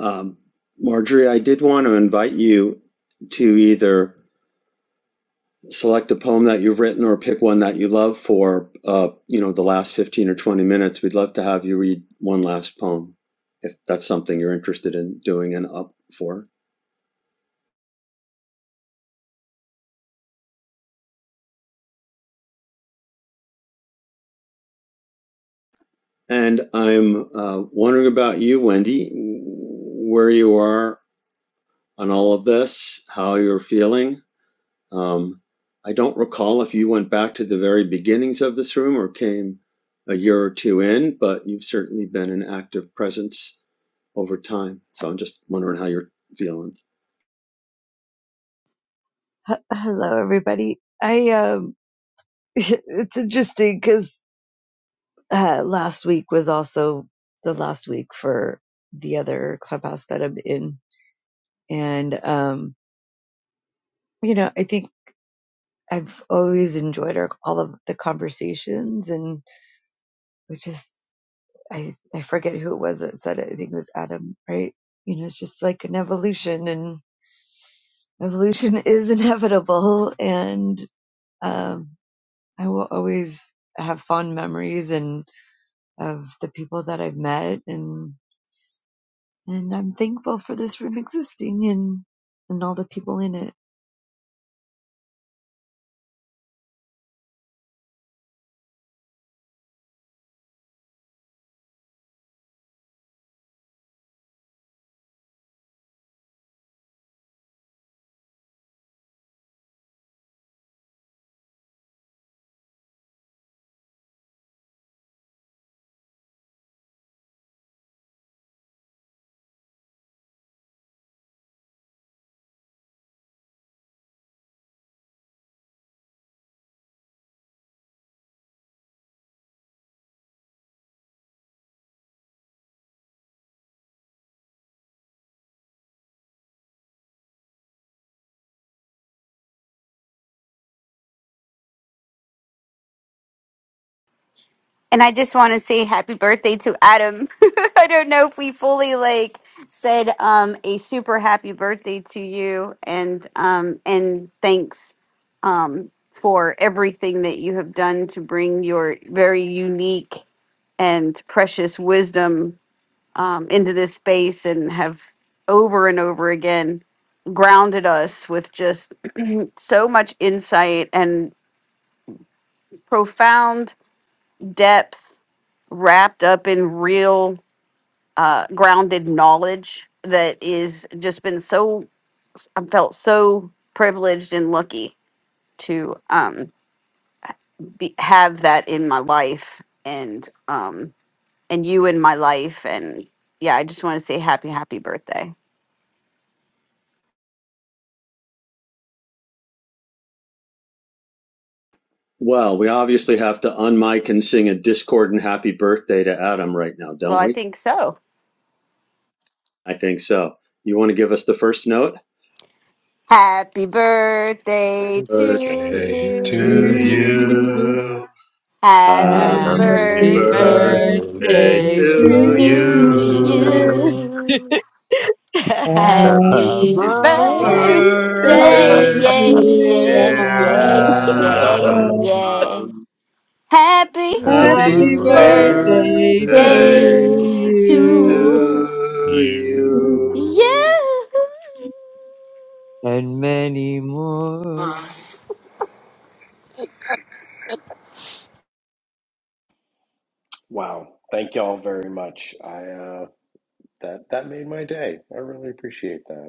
Speaker 2: Um, Marjorie, I did want to invite you to either select a poem that you've written or pick one that you love for, uh, you know, the last 15 or 20 minutes. We'd love to have you read one last poem if that's something you're interested in doing and up for. And I'm uh, wondering about you, Wendy, where you are on all of this, how you're feeling. Um, I don't recall if you went back to the very beginnings of this room or came a year or two in, but you've certainly been an active presence over time. So I'm just wondering how you're feeling.
Speaker 10: Hello, everybody. I um, it's interesting because uh, last week was also the last week for the other clubhouse that I'm in, and um, you know, I think I've always enjoyed our, all of the conversations, and we just I I forget who it was that said it. I think it was Adam, right? You know, it's just like an evolution, and evolution is inevitable, and um, I will always have fond memories and of the people that I've met and and I'm thankful for this room existing and and all the people in it.
Speaker 1: And I just want to say happy birthday to Adam. I don't know if we fully like said um a super happy birthday to you and um and thanks um for everything that you have done to bring your very unique and precious wisdom um into this space and have over and over again grounded us with just so much insight and profound depth wrapped up in real uh, grounded knowledge that is just been so I've felt so privileged and lucky to um, be, have that in my life and um, and you in my life and yeah I just want to say happy happy birthday.
Speaker 2: Well, we obviously have to unmic and sing a discordant happy birthday to Adam right now,
Speaker 1: Well,
Speaker 2: don't
Speaker 1: I
Speaker 2: we?
Speaker 1: think so.
Speaker 2: I think so. You want to give us the first note?
Speaker 1: Happy birthday to
Speaker 2: Birthday
Speaker 4: Day
Speaker 2: to
Speaker 1: you.
Speaker 4: to
Speaker 5: Mm,
Speaker 4: you.
Speaker 2: you. Happy
Speaker 1: Happy
Speaker 9: Happy
Speaker 5: Happy
Speaker 2: Happy
Speaker 4: Happy
Speaker 10: Happy
Speaker 9: birthday
Speaker 1: birthday
Speaker 5: birthday.
Speaker 2: birthday
Speaker 9: to
Speaker 4: birthday
Speaker 10: birthday
Speaker 5: mm,
Speaker 10: to
Speaker 2: to
Speaker 1: to
Speaker 4: to
Speaker 9: you.
Speaker 2: you.
Speaker 10: you.
Speaker 4: you.
Speaker 1: you.
Speaker 9: Happy
Speaker 10: Happy
Speaker 5: Happy
Speaker 1: Happy
Speaker 2: Happy
Speaker 4: Happy
Speaker 5: birthday.
Speaker 1: birthday,
Speaker 9: birthday,
Speaker 10: birthday,
Speaker 2: birthday,
Speaker 4: birthday
Speaker 1: yeah, yeah,
Speaker 9: dear
Speaker 2: dear
Speaker 4: to
Speaker 10: dear.
Speaker 1: yeah, yeah,
Speaker 2: Adam.
Speaker 9: Anna.
Speaker 4: Adam.
Speaker 5: um,
Speaker 1: yeah. Happy
Speaker 5: Happy
Speaker 2: Happy
Speaker 4: Happy
Speaker 9: Happy
Speaker 10: Happy
Speaker 5: birthday
Speaker 4: birthday
Speaker 9: birthday
Speaker 10: birthday to
Speaker 2: birthday
Speaker 9: to
Speaker 5: to
Speaker 1: birthday
Speaker 5: you.
Speaker 10: you.
Speaker 9: you.
Speaker 1: to
Speaker 2: to
Speaker 4: you.
Speaker 2: you.
Speaker 1: you.
Speaker 10: And many more.
Speaker 6: Wow. Thank y'all very much. I, uh, that, that made my day. I really appreciate that.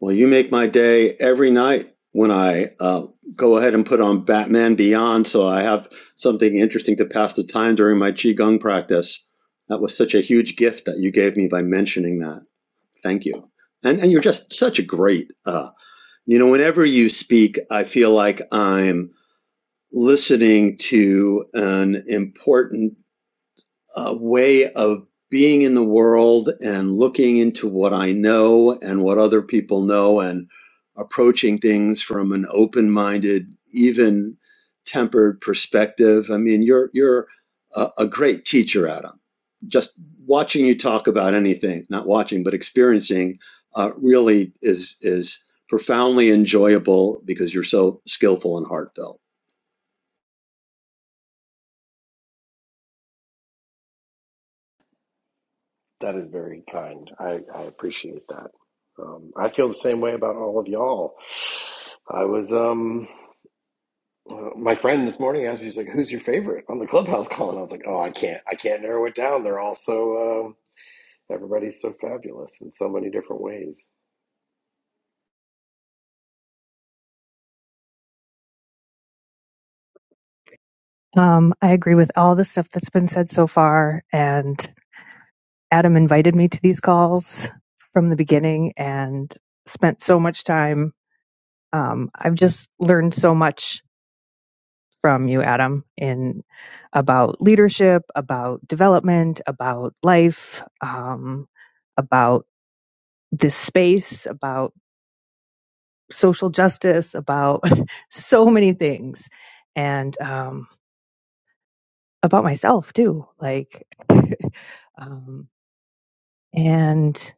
Speaker 2: Well, you make my day every night when I uh, go ahead and put on Batman Beyond, so I have something interesting to pass the time during my Qigong practice. That was such a huge gift that you gave me by mentioning that. Thank you. And and you're just such a great uh you know whenever you speak I feel like I'm listening to an important a way of being in the world and looking into what I know and what other people know and approaching things from an open-minded, even tempered perspective. I mean, you're you're a, a great teacher, Adam. Just watching you talk about anything, not watching, but experiencing, uh, really is is profoundly enjoyable because you're so skillful and heartfelt.
Speaker 6: That is very kind. I, I appreciate that. Um, I feel the same way about all of y'all. I was, um, uh, my friend this morning asked me, she's like, who's your favorite on the clubhouse call? And I was like, oh, I can't, I can't narrow it down. They're all so, um everybody's so fabulous in so many different ways.
Speaker 9: Um, I agree with all the stuff that's been said so far. And Adam invited me to these calls from the beginning and spent so much time. Um, I've just learned so much from you, Adam, in about leadership, about development, about life, um, about this space, about social justice, about so many things, and um, about myself too. Like, um, and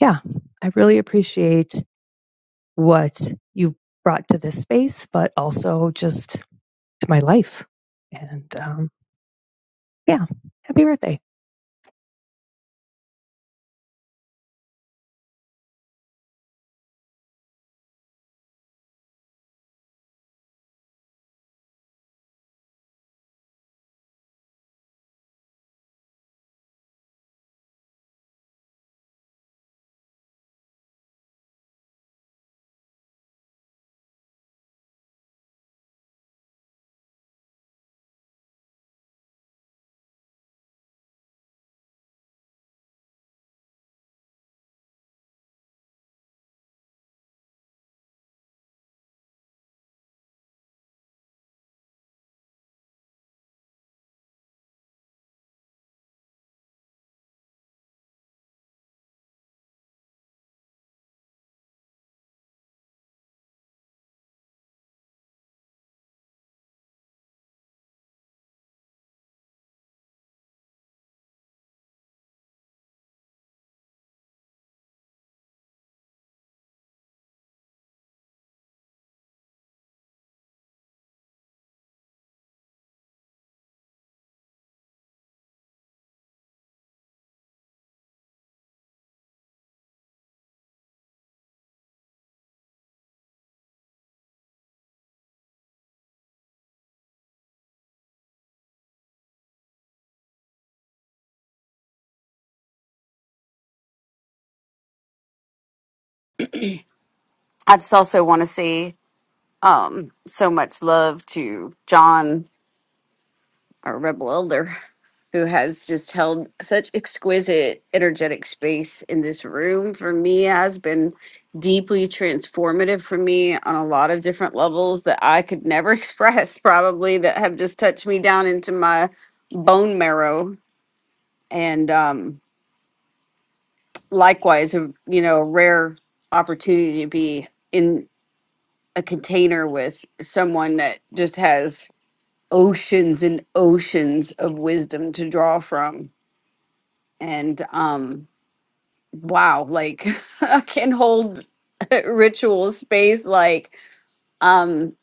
Speaker 9: yeah, I really appreciate what you've brought to this space, but also just to my life. And um, yeah, happy birthday.
Speaker 1: I just also want to say um, so much love to John our rebel elder, who has just held such exquisite, energetic space in this room for me has been deeply transformative for me on a lot of different levels that I could never express, probably, that have just touched me down into my bone marrow. And um, likewise, a- you know, a rare opportunity to be in a container with someone that just has oceans and oceans of wisdom to draw from and um wow like can hold ritual space like um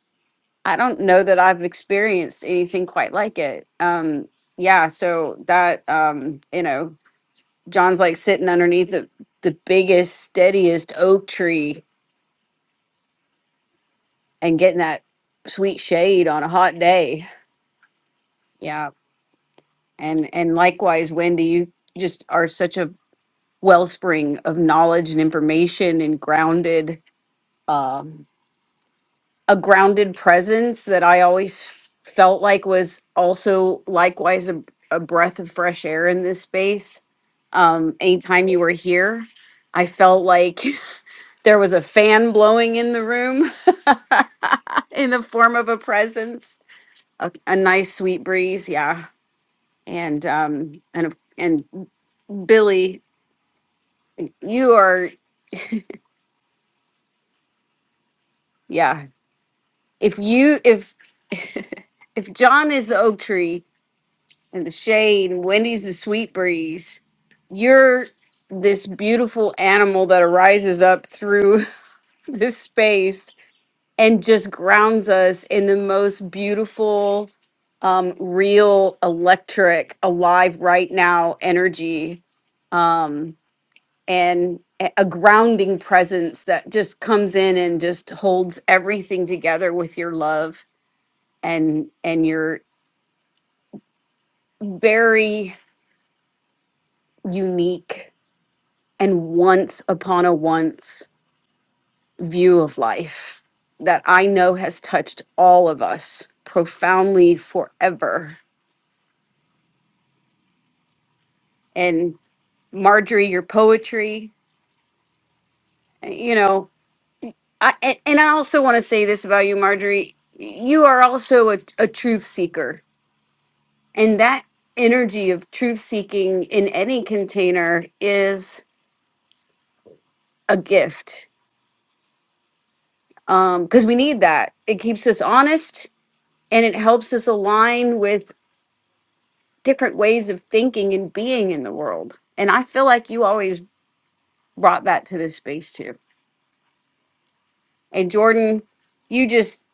Speaker 1: i don't know that i've experienced anything quite like it um yeah so that um you know john's like sitting underneath the the biggest steadiest oak tree and getting that sweet shade on a hot day yeah and and likewise wendy you just are such a wellspring of knowledge and information and grounded um a grounded presence that I always f- felt like was also likewise a, a breath of fresh air in this space. Um, anytime you were here, I felt like there was a fan blowing in the room in the form of a presence, a, a nice sweet breeze. Yeah. And, um, and, of- and Billy, you are, yeah. If you, if, if John is the oak tree and the shade and Wendy's the sweet breeze, you're this beautiful animal that arises up through this space and just grounds us in the most beautiful um real electric alive right now energy um and a a grounding presence that just comes in and just holds everything together with your love and and your very unique and once upon a once view of life that I know has touched all of us profoundly forever. And Marjorie, your poetry, you know, I and, and I also want to say this about you, Marjorie. You are also a, a truth seeker, and that energy of truth seeking in any container is a gift because we need that. It keeps us honest and it helps us align with different ways of thinking and being in the world. And I feel like you always brought that to this space too. And Jordan, you just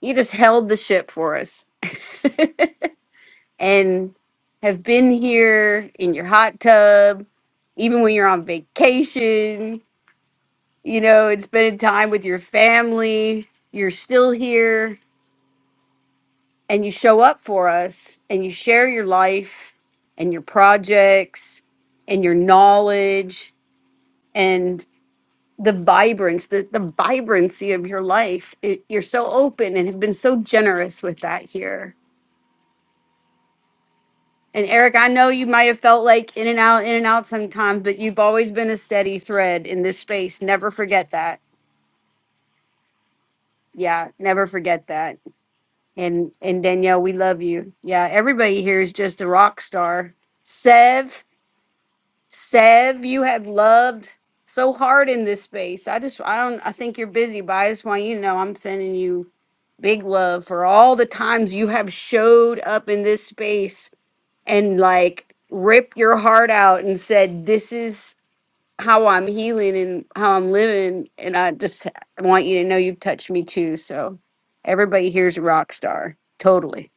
Speaker 1: you just held the ship for us and have been here in your hot tub, even when you're on vacation, you know, and spending time with your family. You're still here and you show up for us and you share your life and your projects and your knowledge the vibrance, the, the vibrancy of your life. It, you're so open and have been so generous with that here. And Eric, I know you might have felt like in and out, in and out sometimes, but you've always been a steady thread in this space. Never forget that. Yeah, never forget that. And and Danielle, we love you. Yeah, everybody here is just a rock star. Sev, Sev, you have loved so hard in this space. I just I don't I think you're busy, but I just want you to know I'm sending you big love for all the times you have showed up in this space and like ripped your heart out and said, This is how I'm healing and how I'm living. And I just want you to know you've touched me too. So everybody here's a rock star. Totally.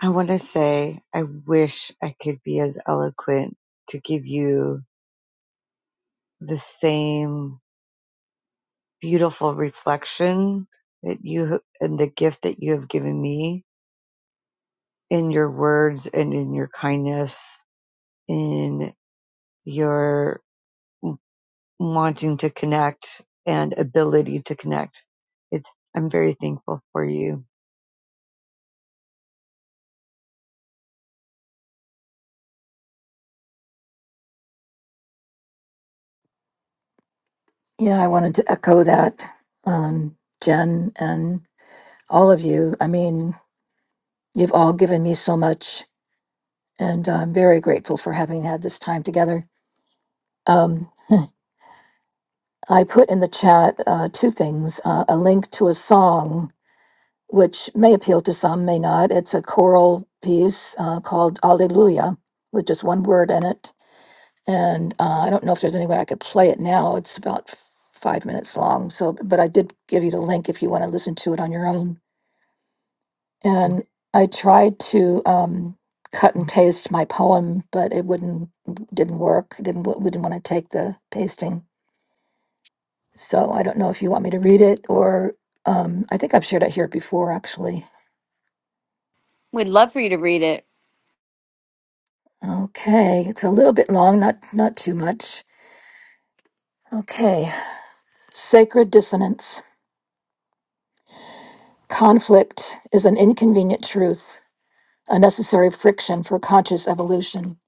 Speaker 10: I want to say, I wish I could be as eloquent to give you the same beautiful reflection that you and the gift that you have given me in your words and in your kindness, in your wanting to connect and ability to connect. It's, I'm very thankful for you.
Speaker 7: Yeah, I wanted to echo that, um, Jen and all of you. I mean, you've all given me so much, and I'm very grateful for having had this time together. Um, I put in the chat uh, two things uh, a link to a song, which may appeal to some, may not. It's a choral piece uh, called Alleluia, with just one word in it. And uh, I don't know if there's any way I could play it now. It's about f- five minutes long. So, but I did give you the link if you want to listen to it on your own. And I tried to um, cut and paste my poem, but it wouldn't didn't work. It didn't we didn't want to take the pasting. So I don't know if you want me to read it or um, I think I've shared it here before, actually.
Speaker 1: We'd love for you to read it.
Speaker 7: Okay, it's a little bit long, not not too much. Okay, sacred dissonance. Conflict is an inconvenient truth, a necessary friction for conscious evolution.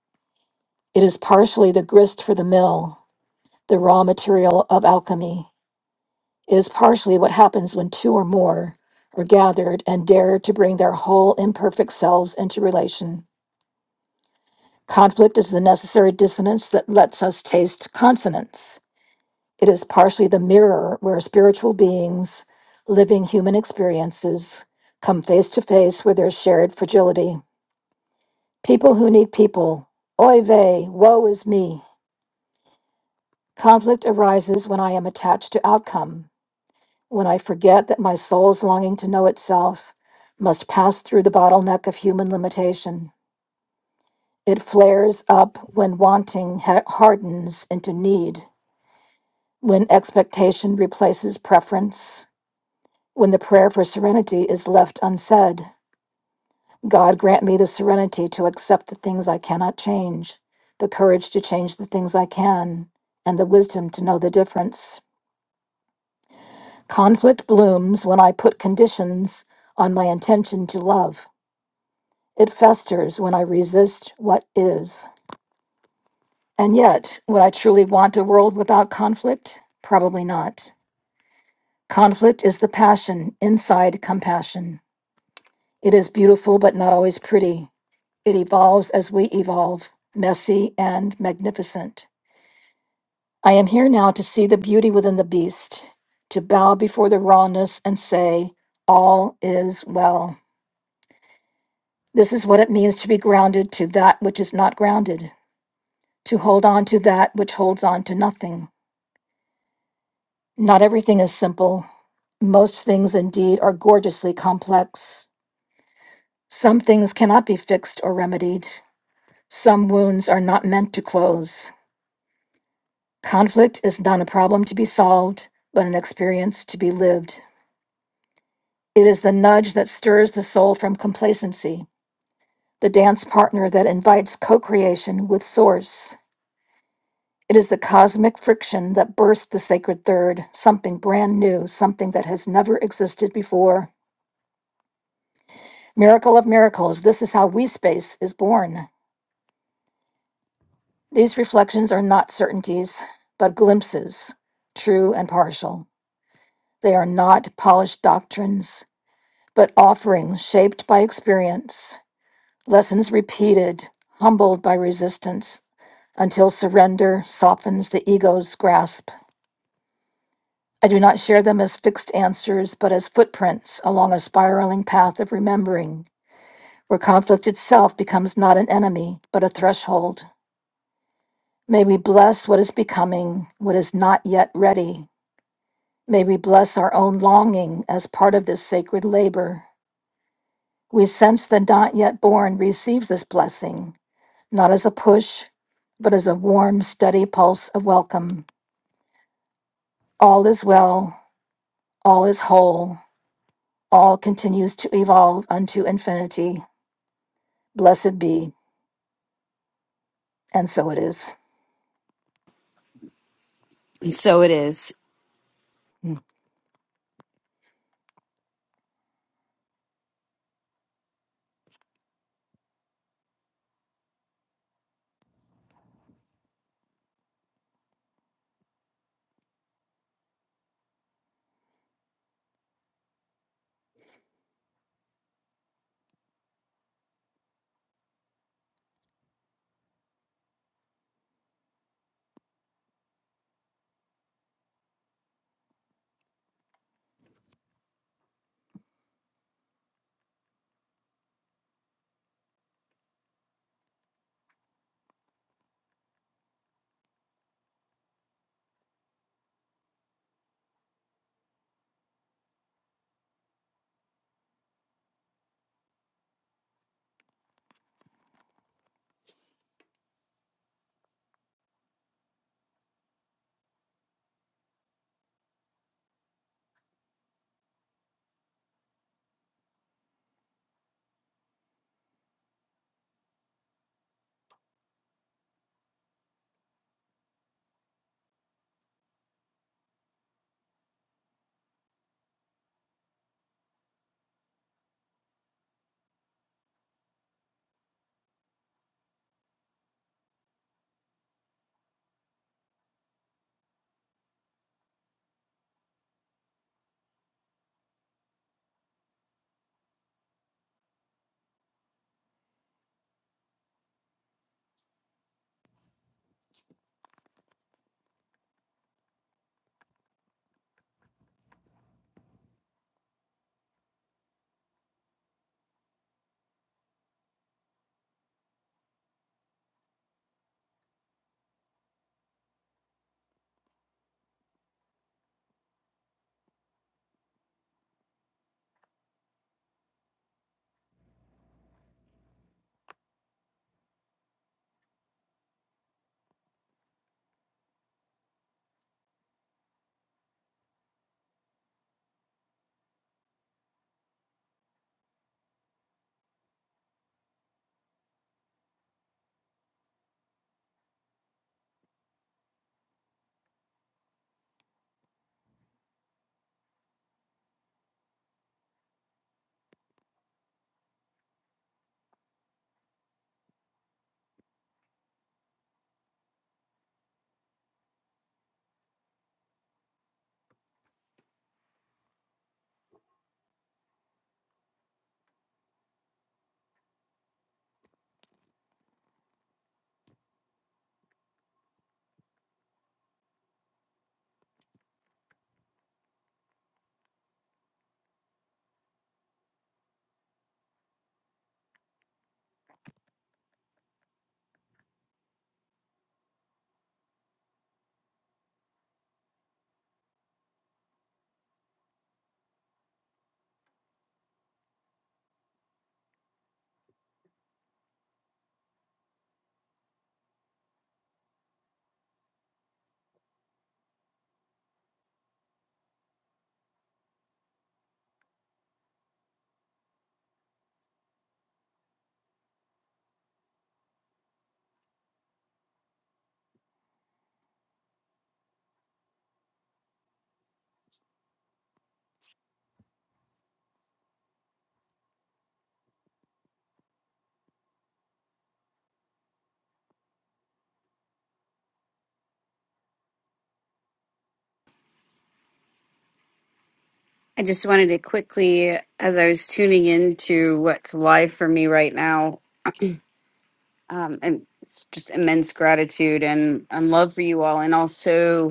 Speaker 7: It is partially the grist for the mill, the raw material of alchemy. It is partially what happens when two or more are gathered and dare to bring their whole imperfect selves into relation. Conflict is the necessary dissonance that lets us taste consonance. It is partially the mirror where spiritual beings living human experiences come face to face with their shared fragility. People who need people, oy vey, woe is me. Conflict arises when I am attached to outcome, when I forget that my soul's longing to know itself must pass through the bottleneck of human limitation. It flares up when wanting ha- hardens into need when expectation replaces preference, when the prayer for serenity is left unsaid. God grant me the serenity to accept the things I cannot change, the courage to change the things I can, and the wisdom to know the difference. Conflict blooms when I put conditions on my intention to love. It festers when I resist what is. And yet, would I truly want a world without conflict? Probably not. Conflict is the passion inside compassion. It is beautiful, but not always pretty. It evolves as we evolve, messy and magnificent. I am here now to see the beauty within the beast, to bow before the rawness and say, All is well. This is what it means to be grounded to that which is not grounded, to hold on to that which holds on to nothing. Not everything is simple. Most things, indeed, are gorgeously complex. Some things cannot be fixed or remedied. Some wounds are not meant to close. Conflict is not a problem to be solved, but an experience to be lived. It is the nudge that stirs the soul from complacency, the dance partner that invites co creation with Source. It is the cosmic friction that bursts the sacred third, something brand new, something that has never existed before. Miracle of miracles, this is how we space is born. These reflections are not certainties, but glimpses, true and partial. They are not polished doctrines. but offerings shaped by experience, lessons repeated, humbled by resistance, until surrender softens the ego's grasp. I do not share them as fixed answers, but as footprints along a spiraling path of remembering, where conflict itself becomes not an enemy, but a threshold. May we bless what is becoming, what is not yet ready. May we bless our own longing as part of this sacred labor. We sense the not yet born receives this blessing, not as a push, but as a warm, steady pulse of welcome. All is well, all is whole, all continues to evolve unto infinity. Blessed be, and so it is.
Speaker 1: And so it is.
Speaker 7: Mm.
Speaker 1: I just wanted to quickly, as I was tuning into what's live for me right now, um, and it's just immense gratitude and, and love for you all. And also,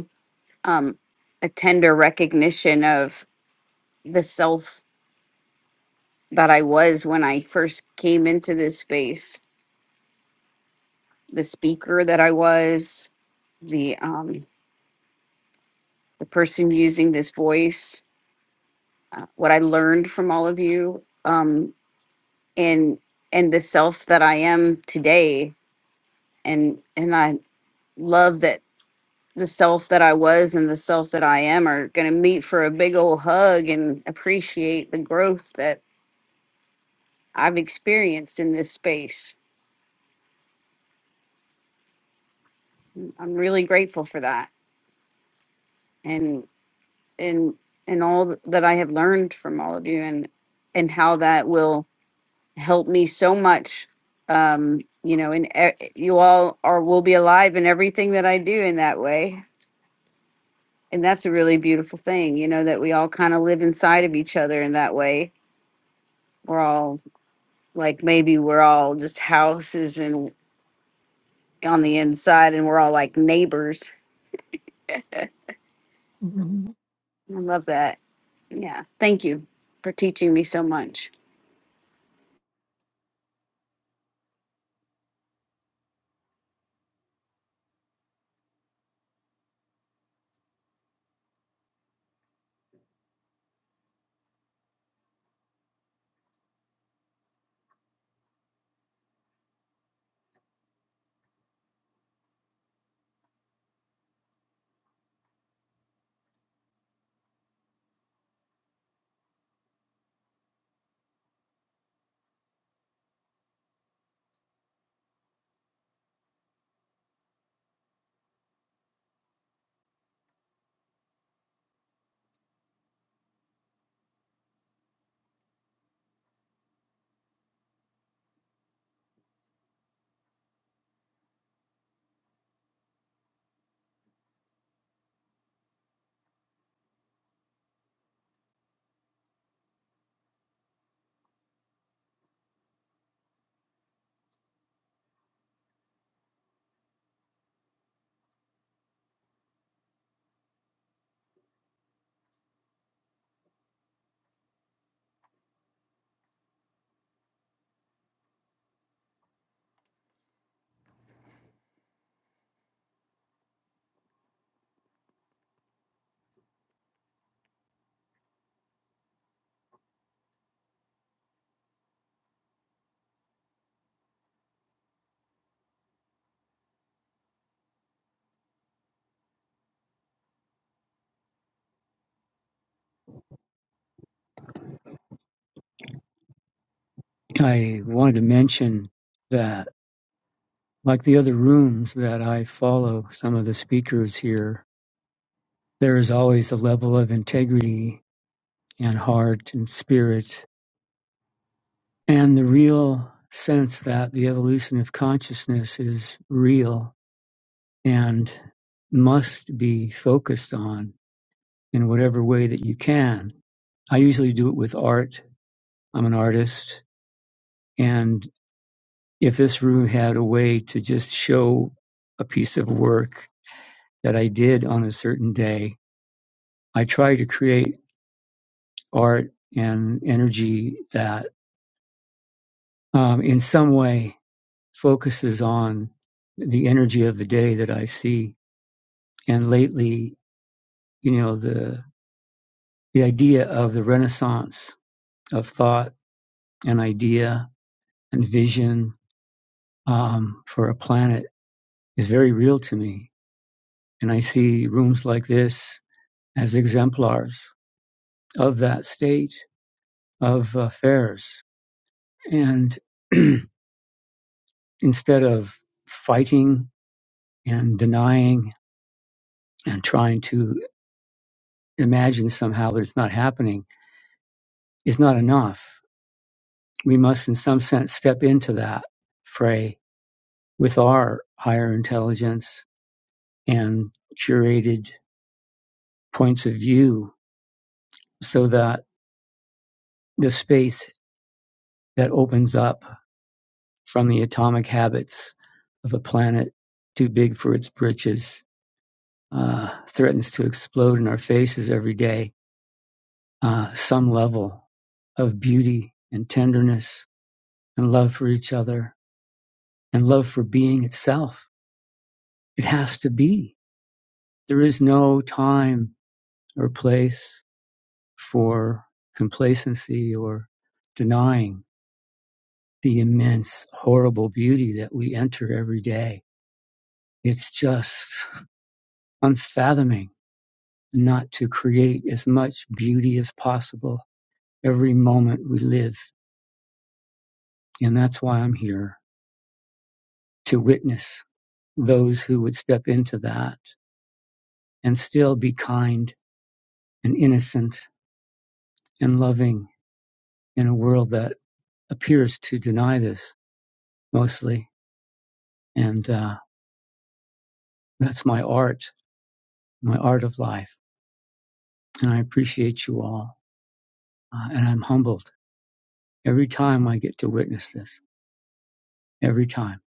Speaker 1: um, a tender recognition of the self that I was when I first came into this space, the speaker that I was, the um, the person using this voice, uh, what I learned from all of you, um, and and the self that I am today, and and I love that the self that I was and the self that I am are going to meet for a big old hug and appreciate the growth that I've experienced in this space I'm really grateful for that and and and all that I have learned from all of you and and how that will help me so much um you know and e- you all are will be alive in everything that I do in that way and that's a really beautiful thing you know that we all kind of live inside of each other in that way we're all like maybe we're all just houses and on the inside and we're all like neighbors
Speaker 7: Mhm.
Speaker 1: I love that yeah thank you for teaching me so much
Speaker 11: I wanted to mention that, like the other rooms that I follow, some of the speakers here, there is always a level of integrity and heart and spirit and the real sense that the evolution of consciousness is real and must be focused on in whatever way that you can. I usually do it with art. I'm an artist. And if this room had a way to just show a piece of work that I did on a certain day. I try to create art and energy that um, in some way focuses on the energy of the day that I see. And lately, you know, the, the idea of the renaissance of thought and idea and vision um, for a planet is very real to me. And I see rooms like this as exemplars of that state of affairs. And instead of fighting and denying and trying to imagine somehow that it's not happening is not enough. We must, in some sense, step into that fray with our higher intelligence and curated points of view so that the space that opens up from the atomic habits of a planet too big for its britches uh, threatens to explode in our faces every day uh, some level of beauty and tenderness and love for each other and love for being itself. It has to be. There is no time or place for complacency or denying the immense, horrible beauty that we enter every day. It's just unfathoming not to create as much beauty as possible every moment we live. And that's why I'm here to witness those who would step into that and still be kind and innocent and loving in a world that appears to deny this mostly. And uh, that's my art, my art of life. And I appreciate you all. Uh, and I'm humbled every time I get to witness this, every time.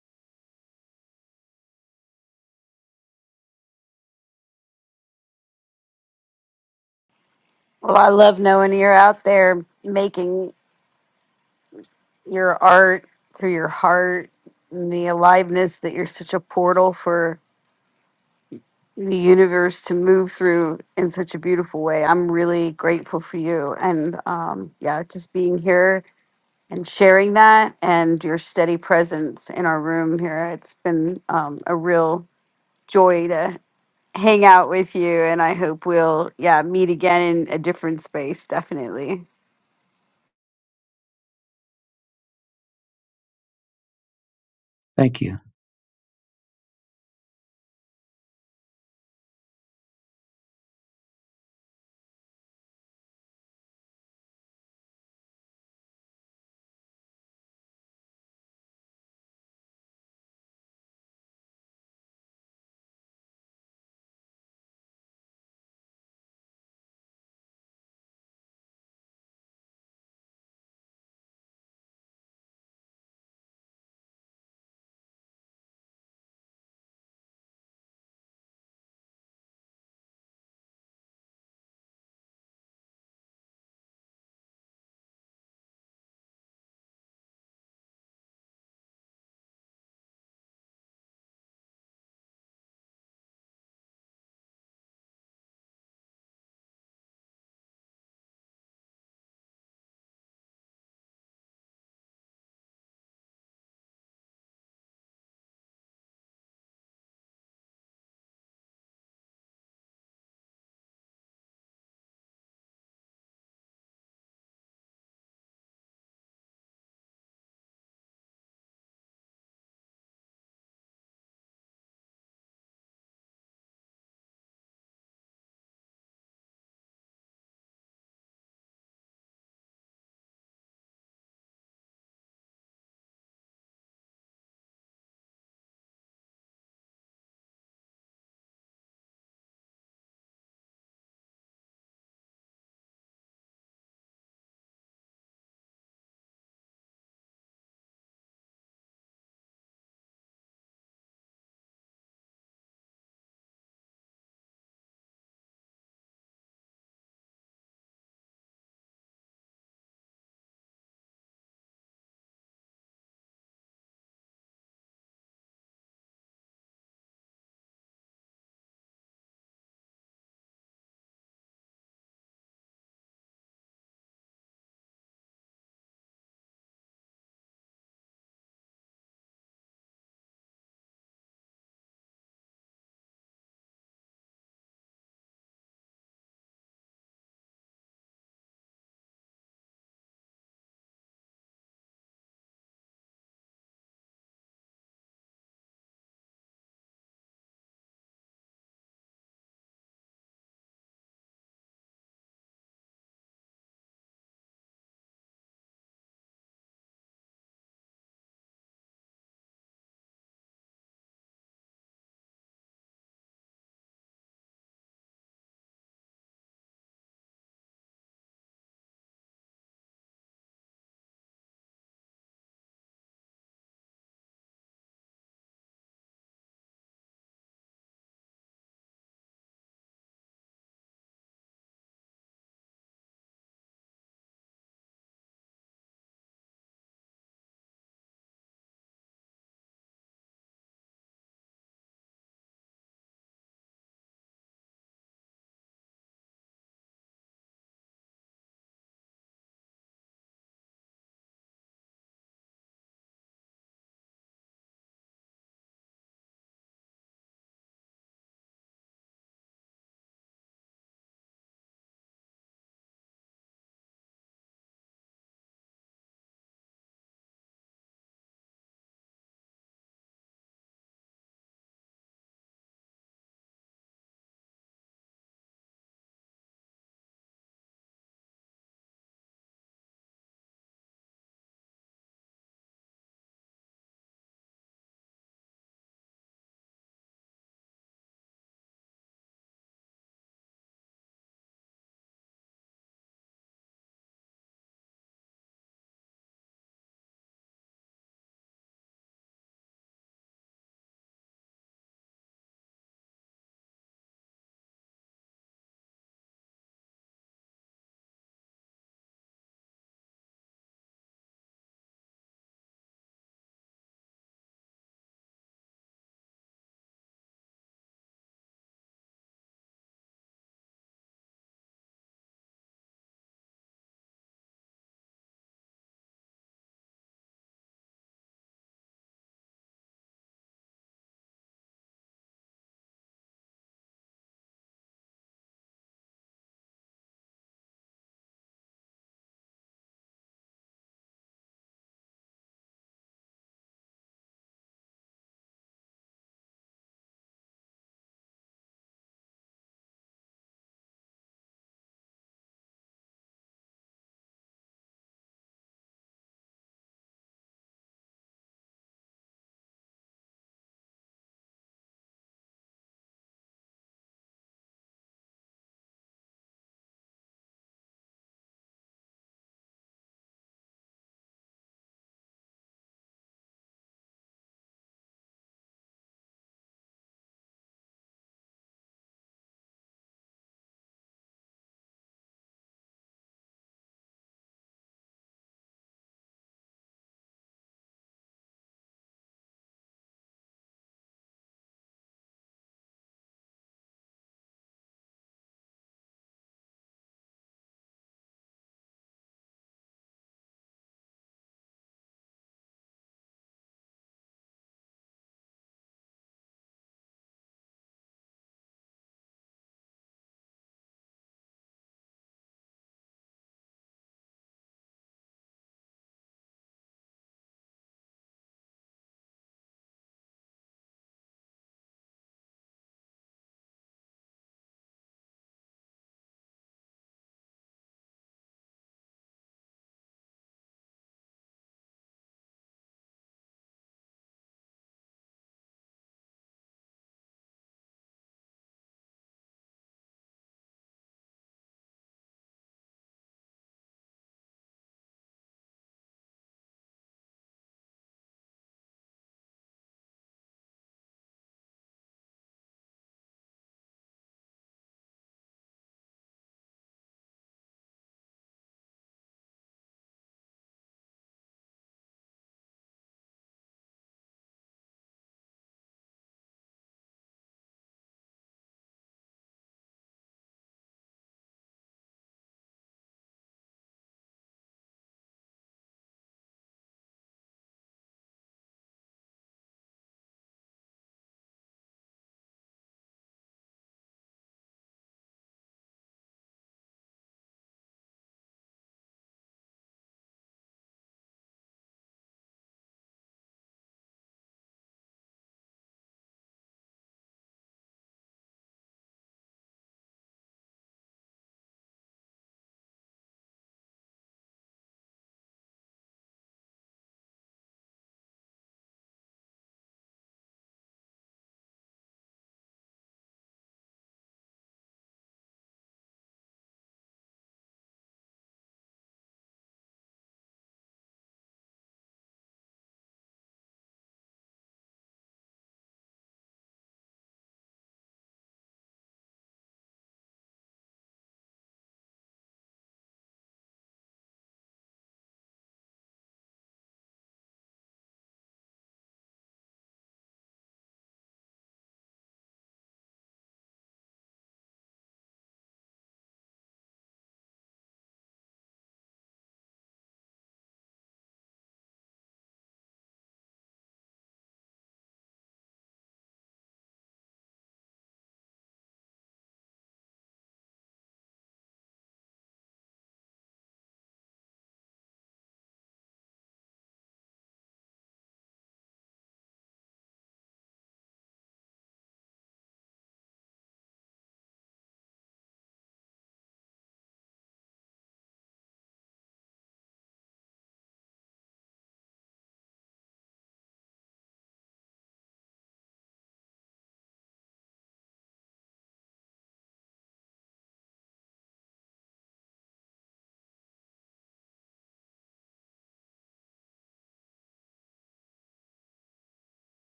Speaker 1: Well, I love knowing you're out there making your art through your heart and the aliveness that you're such a portal for the universe to move through in such a beautiful way. I'm really grateful for you. And um, yeah, just being here and sharing that and your steady presence in our room here. It's been um, a real joy to hang out with you. And I hope we'll, yeah, meet again in a different space, definitely.
Speaker 11: Thank you.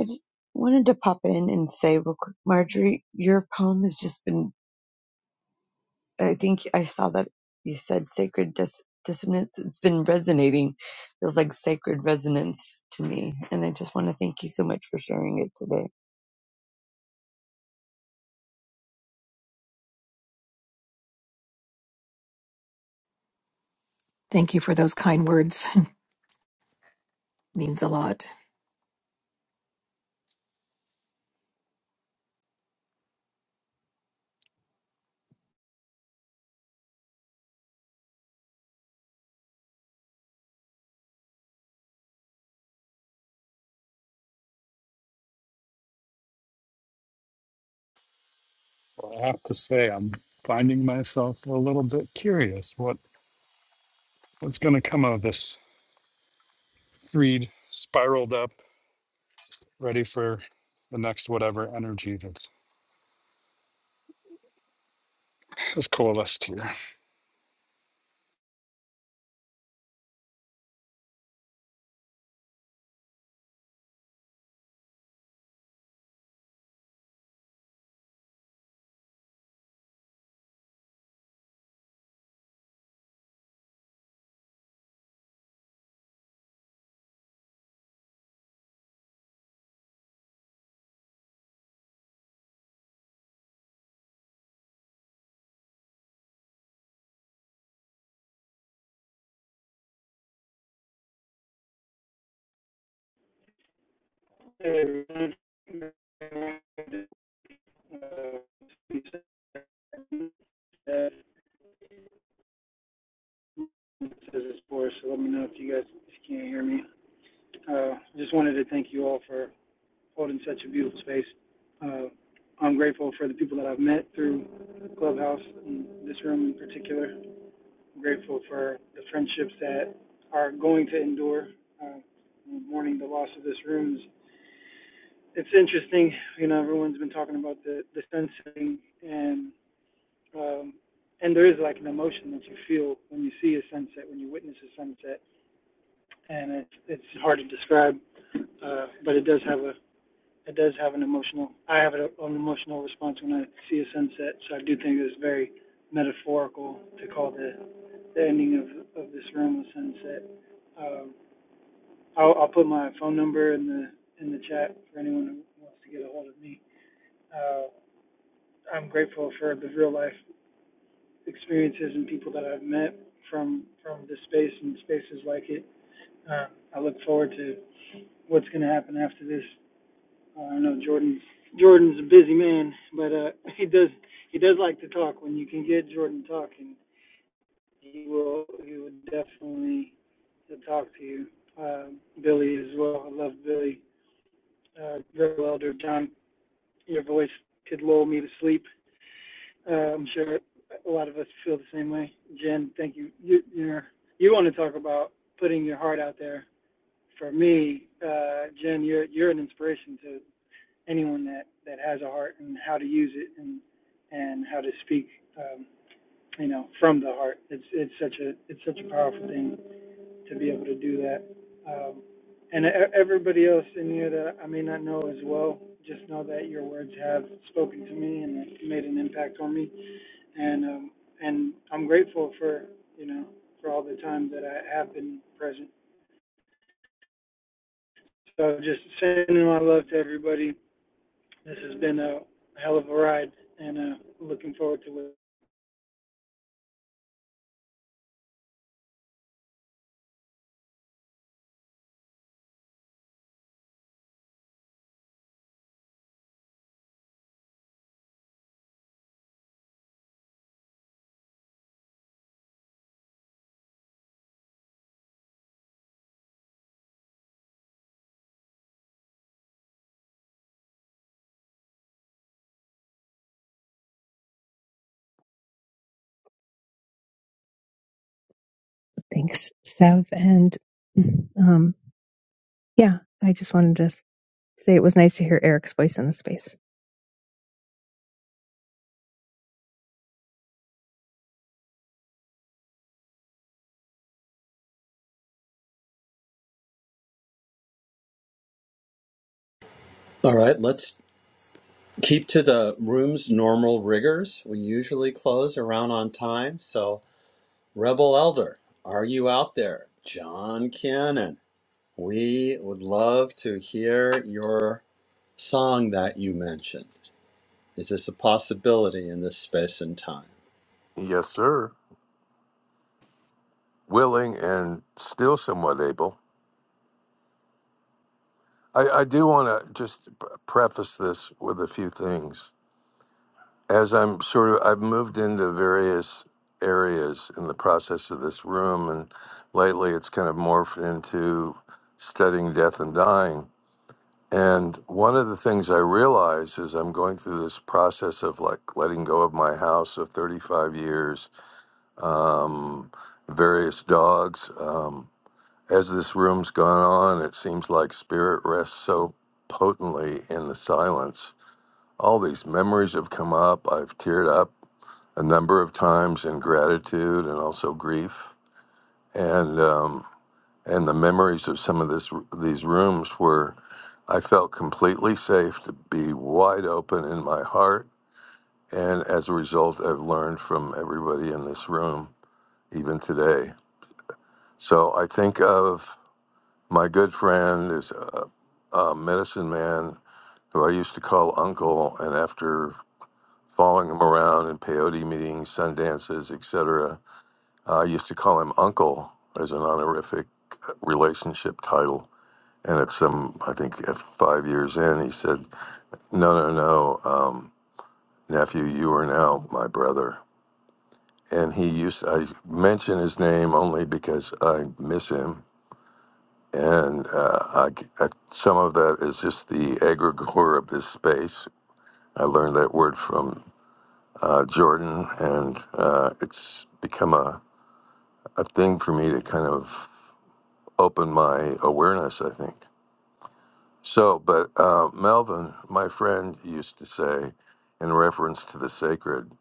Speaker 10: I just wanted to pop in and say real quick, Marjorie, your poem has just been I think I saw that you said sacred dis- dissonance. It's been resonating. Feels like sacred resonance to me. And I just want to thank you so much for sharing it today.
Speaker 7: Thank you for those kind words. Means a lot.
Speaker 4: Well, I have to say, I'm finding myself a little bit curious what what's going to come of this thread spiraled up, ready for the next whatever energy that's has coalesced here.
Speaker 12: Hey, everyone. this is Boris, so let me know if you guys if you can't hear me. Uh, just wanted to thank you all for holding such a beautiful space. Uh, I'm grateful for the people that I've met through Clubhouse and this room in particular. I'm grateful for the friendships that are going to endure. Uh, mourning the loss of this room. It's interesting, you know, everyone's been talking about the, the sun setting, and Um, and there is like an emotion that you feel when you see a sunset, when you witness a sunset, and it's it's hard to describe, uh, but it does have a it does have an emotional. I have an emotional response when I see a sunset, so I do think it's very metaphorical to call the, the ending of of this room a sunset. Um, I'll, I'll put my phone number in the in the chat for anyone who wants to get a hold of me. Uh, I'm grateful for the real life experiences and people that I've met from from this space and spaces like it. Uh, I look forward to what's going to happen after this. Uh, I know Jordan's Jordan's a busy man, but uh, he does he does like to talk. When you can get Jordan talking, he will he will definitely talk to you. Uh, Billy as well. I love Billy. Uh, Greg Elder, John, your voice could lull me to sleep. Uh, I'm sure a lot of us feel the same way. Jen, thank you. You you're, you want to talk about putting your heart out there. For me, uh, Jen, you're you're an inspiration to anyone that that has a heart and how to use it and and how to speak. Um, you know, from the heart. It's it's such a it's such a powerful thing to be able to do that. Um, and e- everybody else in here that I may not know as well, just know that your words have spoken to me and made an impact on me and, um, and I'm grateful for, you know, for all the time that I have been present. So just sending my love to everybody. This has been a hell of a ride and, uh, looking forward to it.
Speaker 9: Thanks, Sev. And um, yeah, I just wanted to say it was nice to hear Eric's voice in the space.
Speaker 2: All right, let's keep to the room's normal rigors. We usually close around on time. So, Rebel Elder, are you out there? John Cannon, we would love to hear your song that you mentioned. Is this a possibility in this space and time?
Speaker 5: Yes, sir. willing and still somewhat able. I, I do want to just p- preface this with a few things. As I'm sort of, I've moved into various areas in the process of this room, and lately it's kind of morphed into studying death and dying. And one of the things I realize is I'm going through this process of like letting go of my house of 35 years, um, various dogs. Um, As this room's gone on, it seems like spirit rests so potently in the silence. All these memories have come up. I've teared up a number of times in gratitude and also grief, and um, and the memories of some of this these rooms were. I felt completely safe to be wide open in my heart, and as a result, I've learned from everybody in this room, even today. So I think of My good friend is a, a medicine man who I used to call Uncle, and after following him around in peyote meetings, sundances, etc., I used to call him Uncle as an honorific relationship title. And at some, I think, at five years in, he said, "No, no, no, um, nephew, you are now my brother." And he used I mention his name only because I miss him And uh, I g uh some of that is just the egregore of this space. I learned that word from uh, Jordan, and uh, it's become a, a thing for me to kind of open my awareness, I think. So, but uh, Melvin, my friend, used to say, in reference to the sacred,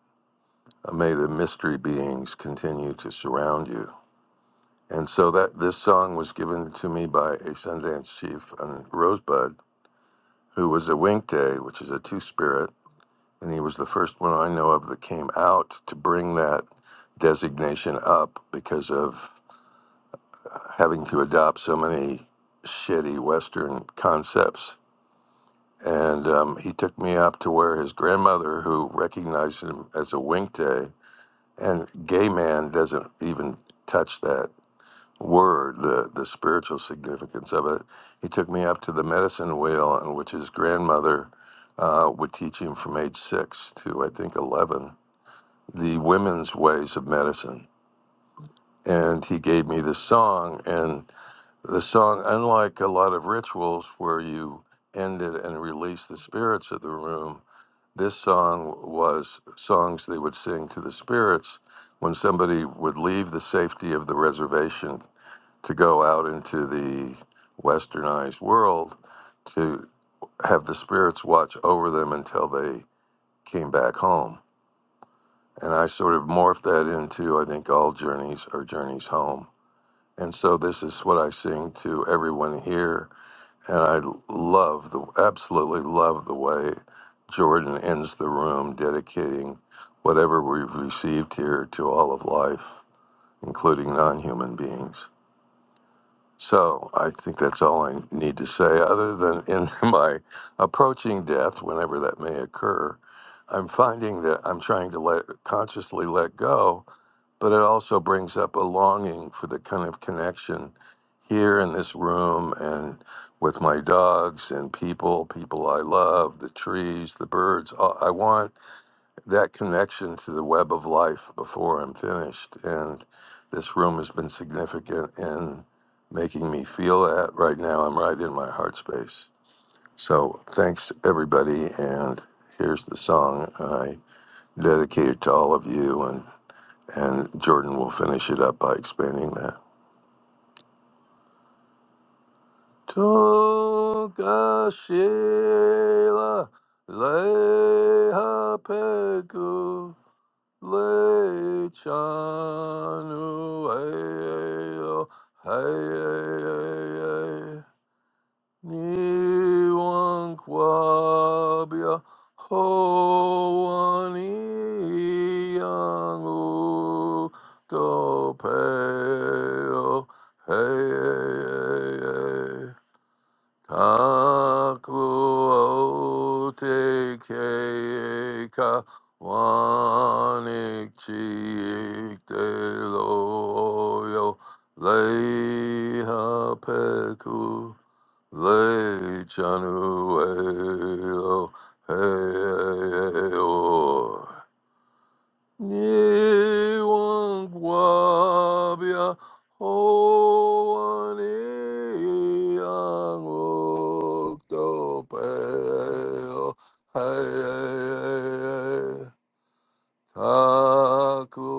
Speaker 5: uh, may the mystery beings continue to surround you. And so that this song was given to me by a Sundance chief in Rosebud who was a Winkte, which is a two spirit, and he was the first one I know of that came out to bring that designation up because of uh, having to adopt so many shitty Western concepts. And um, he took me up to where his grandmother, who recognized him as a Winkte, and gay man doesn't even touch that word, the, the spiritual significance of it. He took me up to the medicine wheel, in which his grandmother uh, would teach him from age six to, I think, 11, the women's ways of medicine. And he gave me this song. And the song, unlike a lot of rituals where you end it and release the spirits of the room, this song was songs they would sing to the spirits when somebody would leave the safety of the reservation to go out into the westernized world to have the spirits watch over them until they came back home. And I sort of morphed that into, I think, all journeys are journeys home. And so this is what I sing to everyone here. And I love the, absolutely love the way Jordan ends the room dedicating whatever we've received here to all of life, including non human beings. So I think that's all I need to say. Other than in my approaching death, whenever that may occur, I'm finding that I'm trying to let consciously let go, but it also brings up a longing for the kind of connection here in this room and with my dogs and people, people I love, the trees, the birds. I I want that connection to the web of life before I'm finished. And this room has been significant in making me feel that right now. I'm right in my heart space. So thanks, everybody. And here's the song I dedicated to all of you. And, and Jordan will finish it up by expanding that. Tokashila Leha Lechanu ayo hey ni wankwabia hoani yangu to peo hey. Taku o te keika wanik chiik te loyo leha peku le chanu e lo he hey, Niwan wabia hoani ang oktopeo hai taku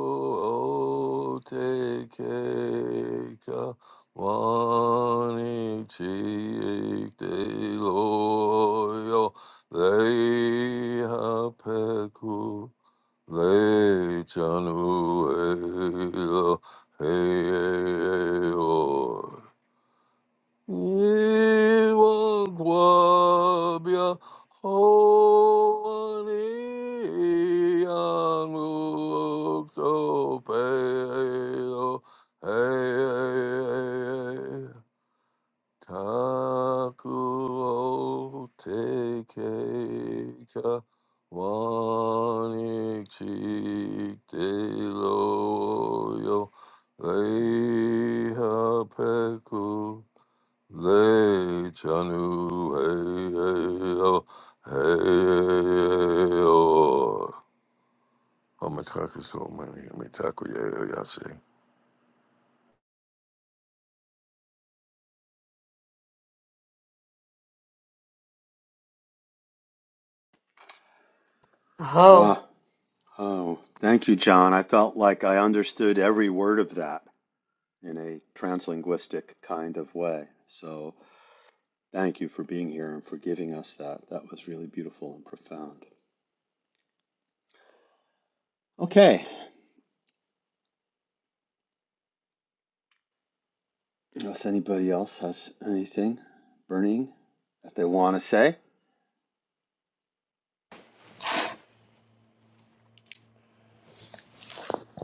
Speaker 5: o te keika wani chik te loyo leiha peku Lay Chanu Eo Hei Eo Iwan Wang Hua Ni Yang Uk So Pei Eo Taku o te keika wani chi te loyo leiha peku le chanu hei hei o hei hei o. Oh, my taku so many. My taku yeo yase.
Speaker 2: Wow. Oh, thank you, John. I felt like I understood every word of that in a translinguistic kind of way. So thank you for being here and for giving us that. That was really beautiful and profound. Okay, if anybody else has anything burning that they want to say,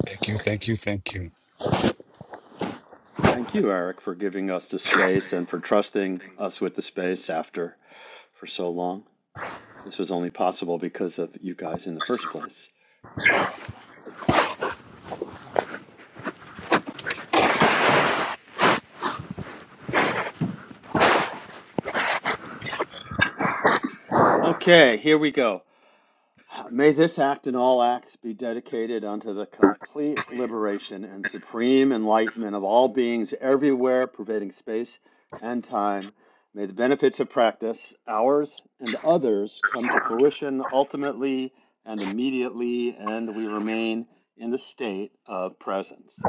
Speaker 4: Thank you, thank you, thank you.
Speaker 2: thank you, Eric, for giving us the space and for trusting us with the space after for so long. This was only possible because of you guys in the first place. Okay, here we go. May this act and all acts be dedicated unto the complete liberation and supreme enlightenment of all beings everywhere, pervading space and time. May the benefits of practice, ours and others, come to fruition ultimately and immediately, and we remain in the state of presence.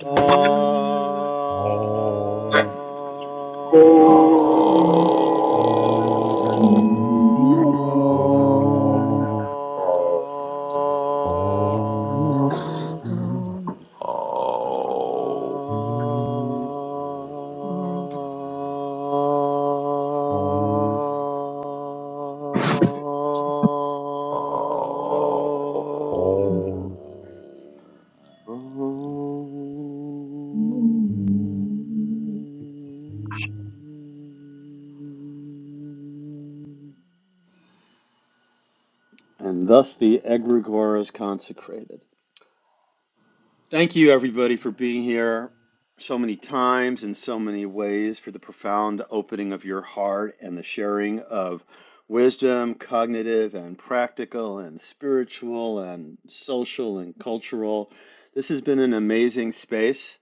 Speaker 2: Ah.
Speaker 4: Oh.
Speaker 5: Oh.
Speaker 12: Oh.
Speaker 5: Oh. Oh.
Speaker 2: Om. And thus the egregore is consecrated. Thank you, everybody, for being here so many times in so many ways for the profound opening of your heart and the sharing of wisdom, cognitive and practical and spiritual and social and cultural. This has been an amazing space.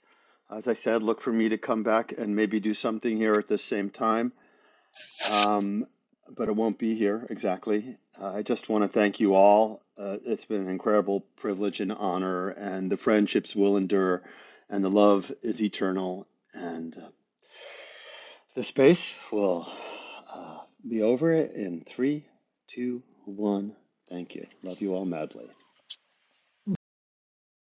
Speaker 2: As I said, look for me to come back and maybe do something here at the same time. Um, but it won't be here exactly. Uh, I just want to thank you all. Uh, it's been an incredible privilege and honor, and the friendships will endure, and the love is eternal, and uh, the space will uh, be over in three, two, one. Thank you. Love you all madly.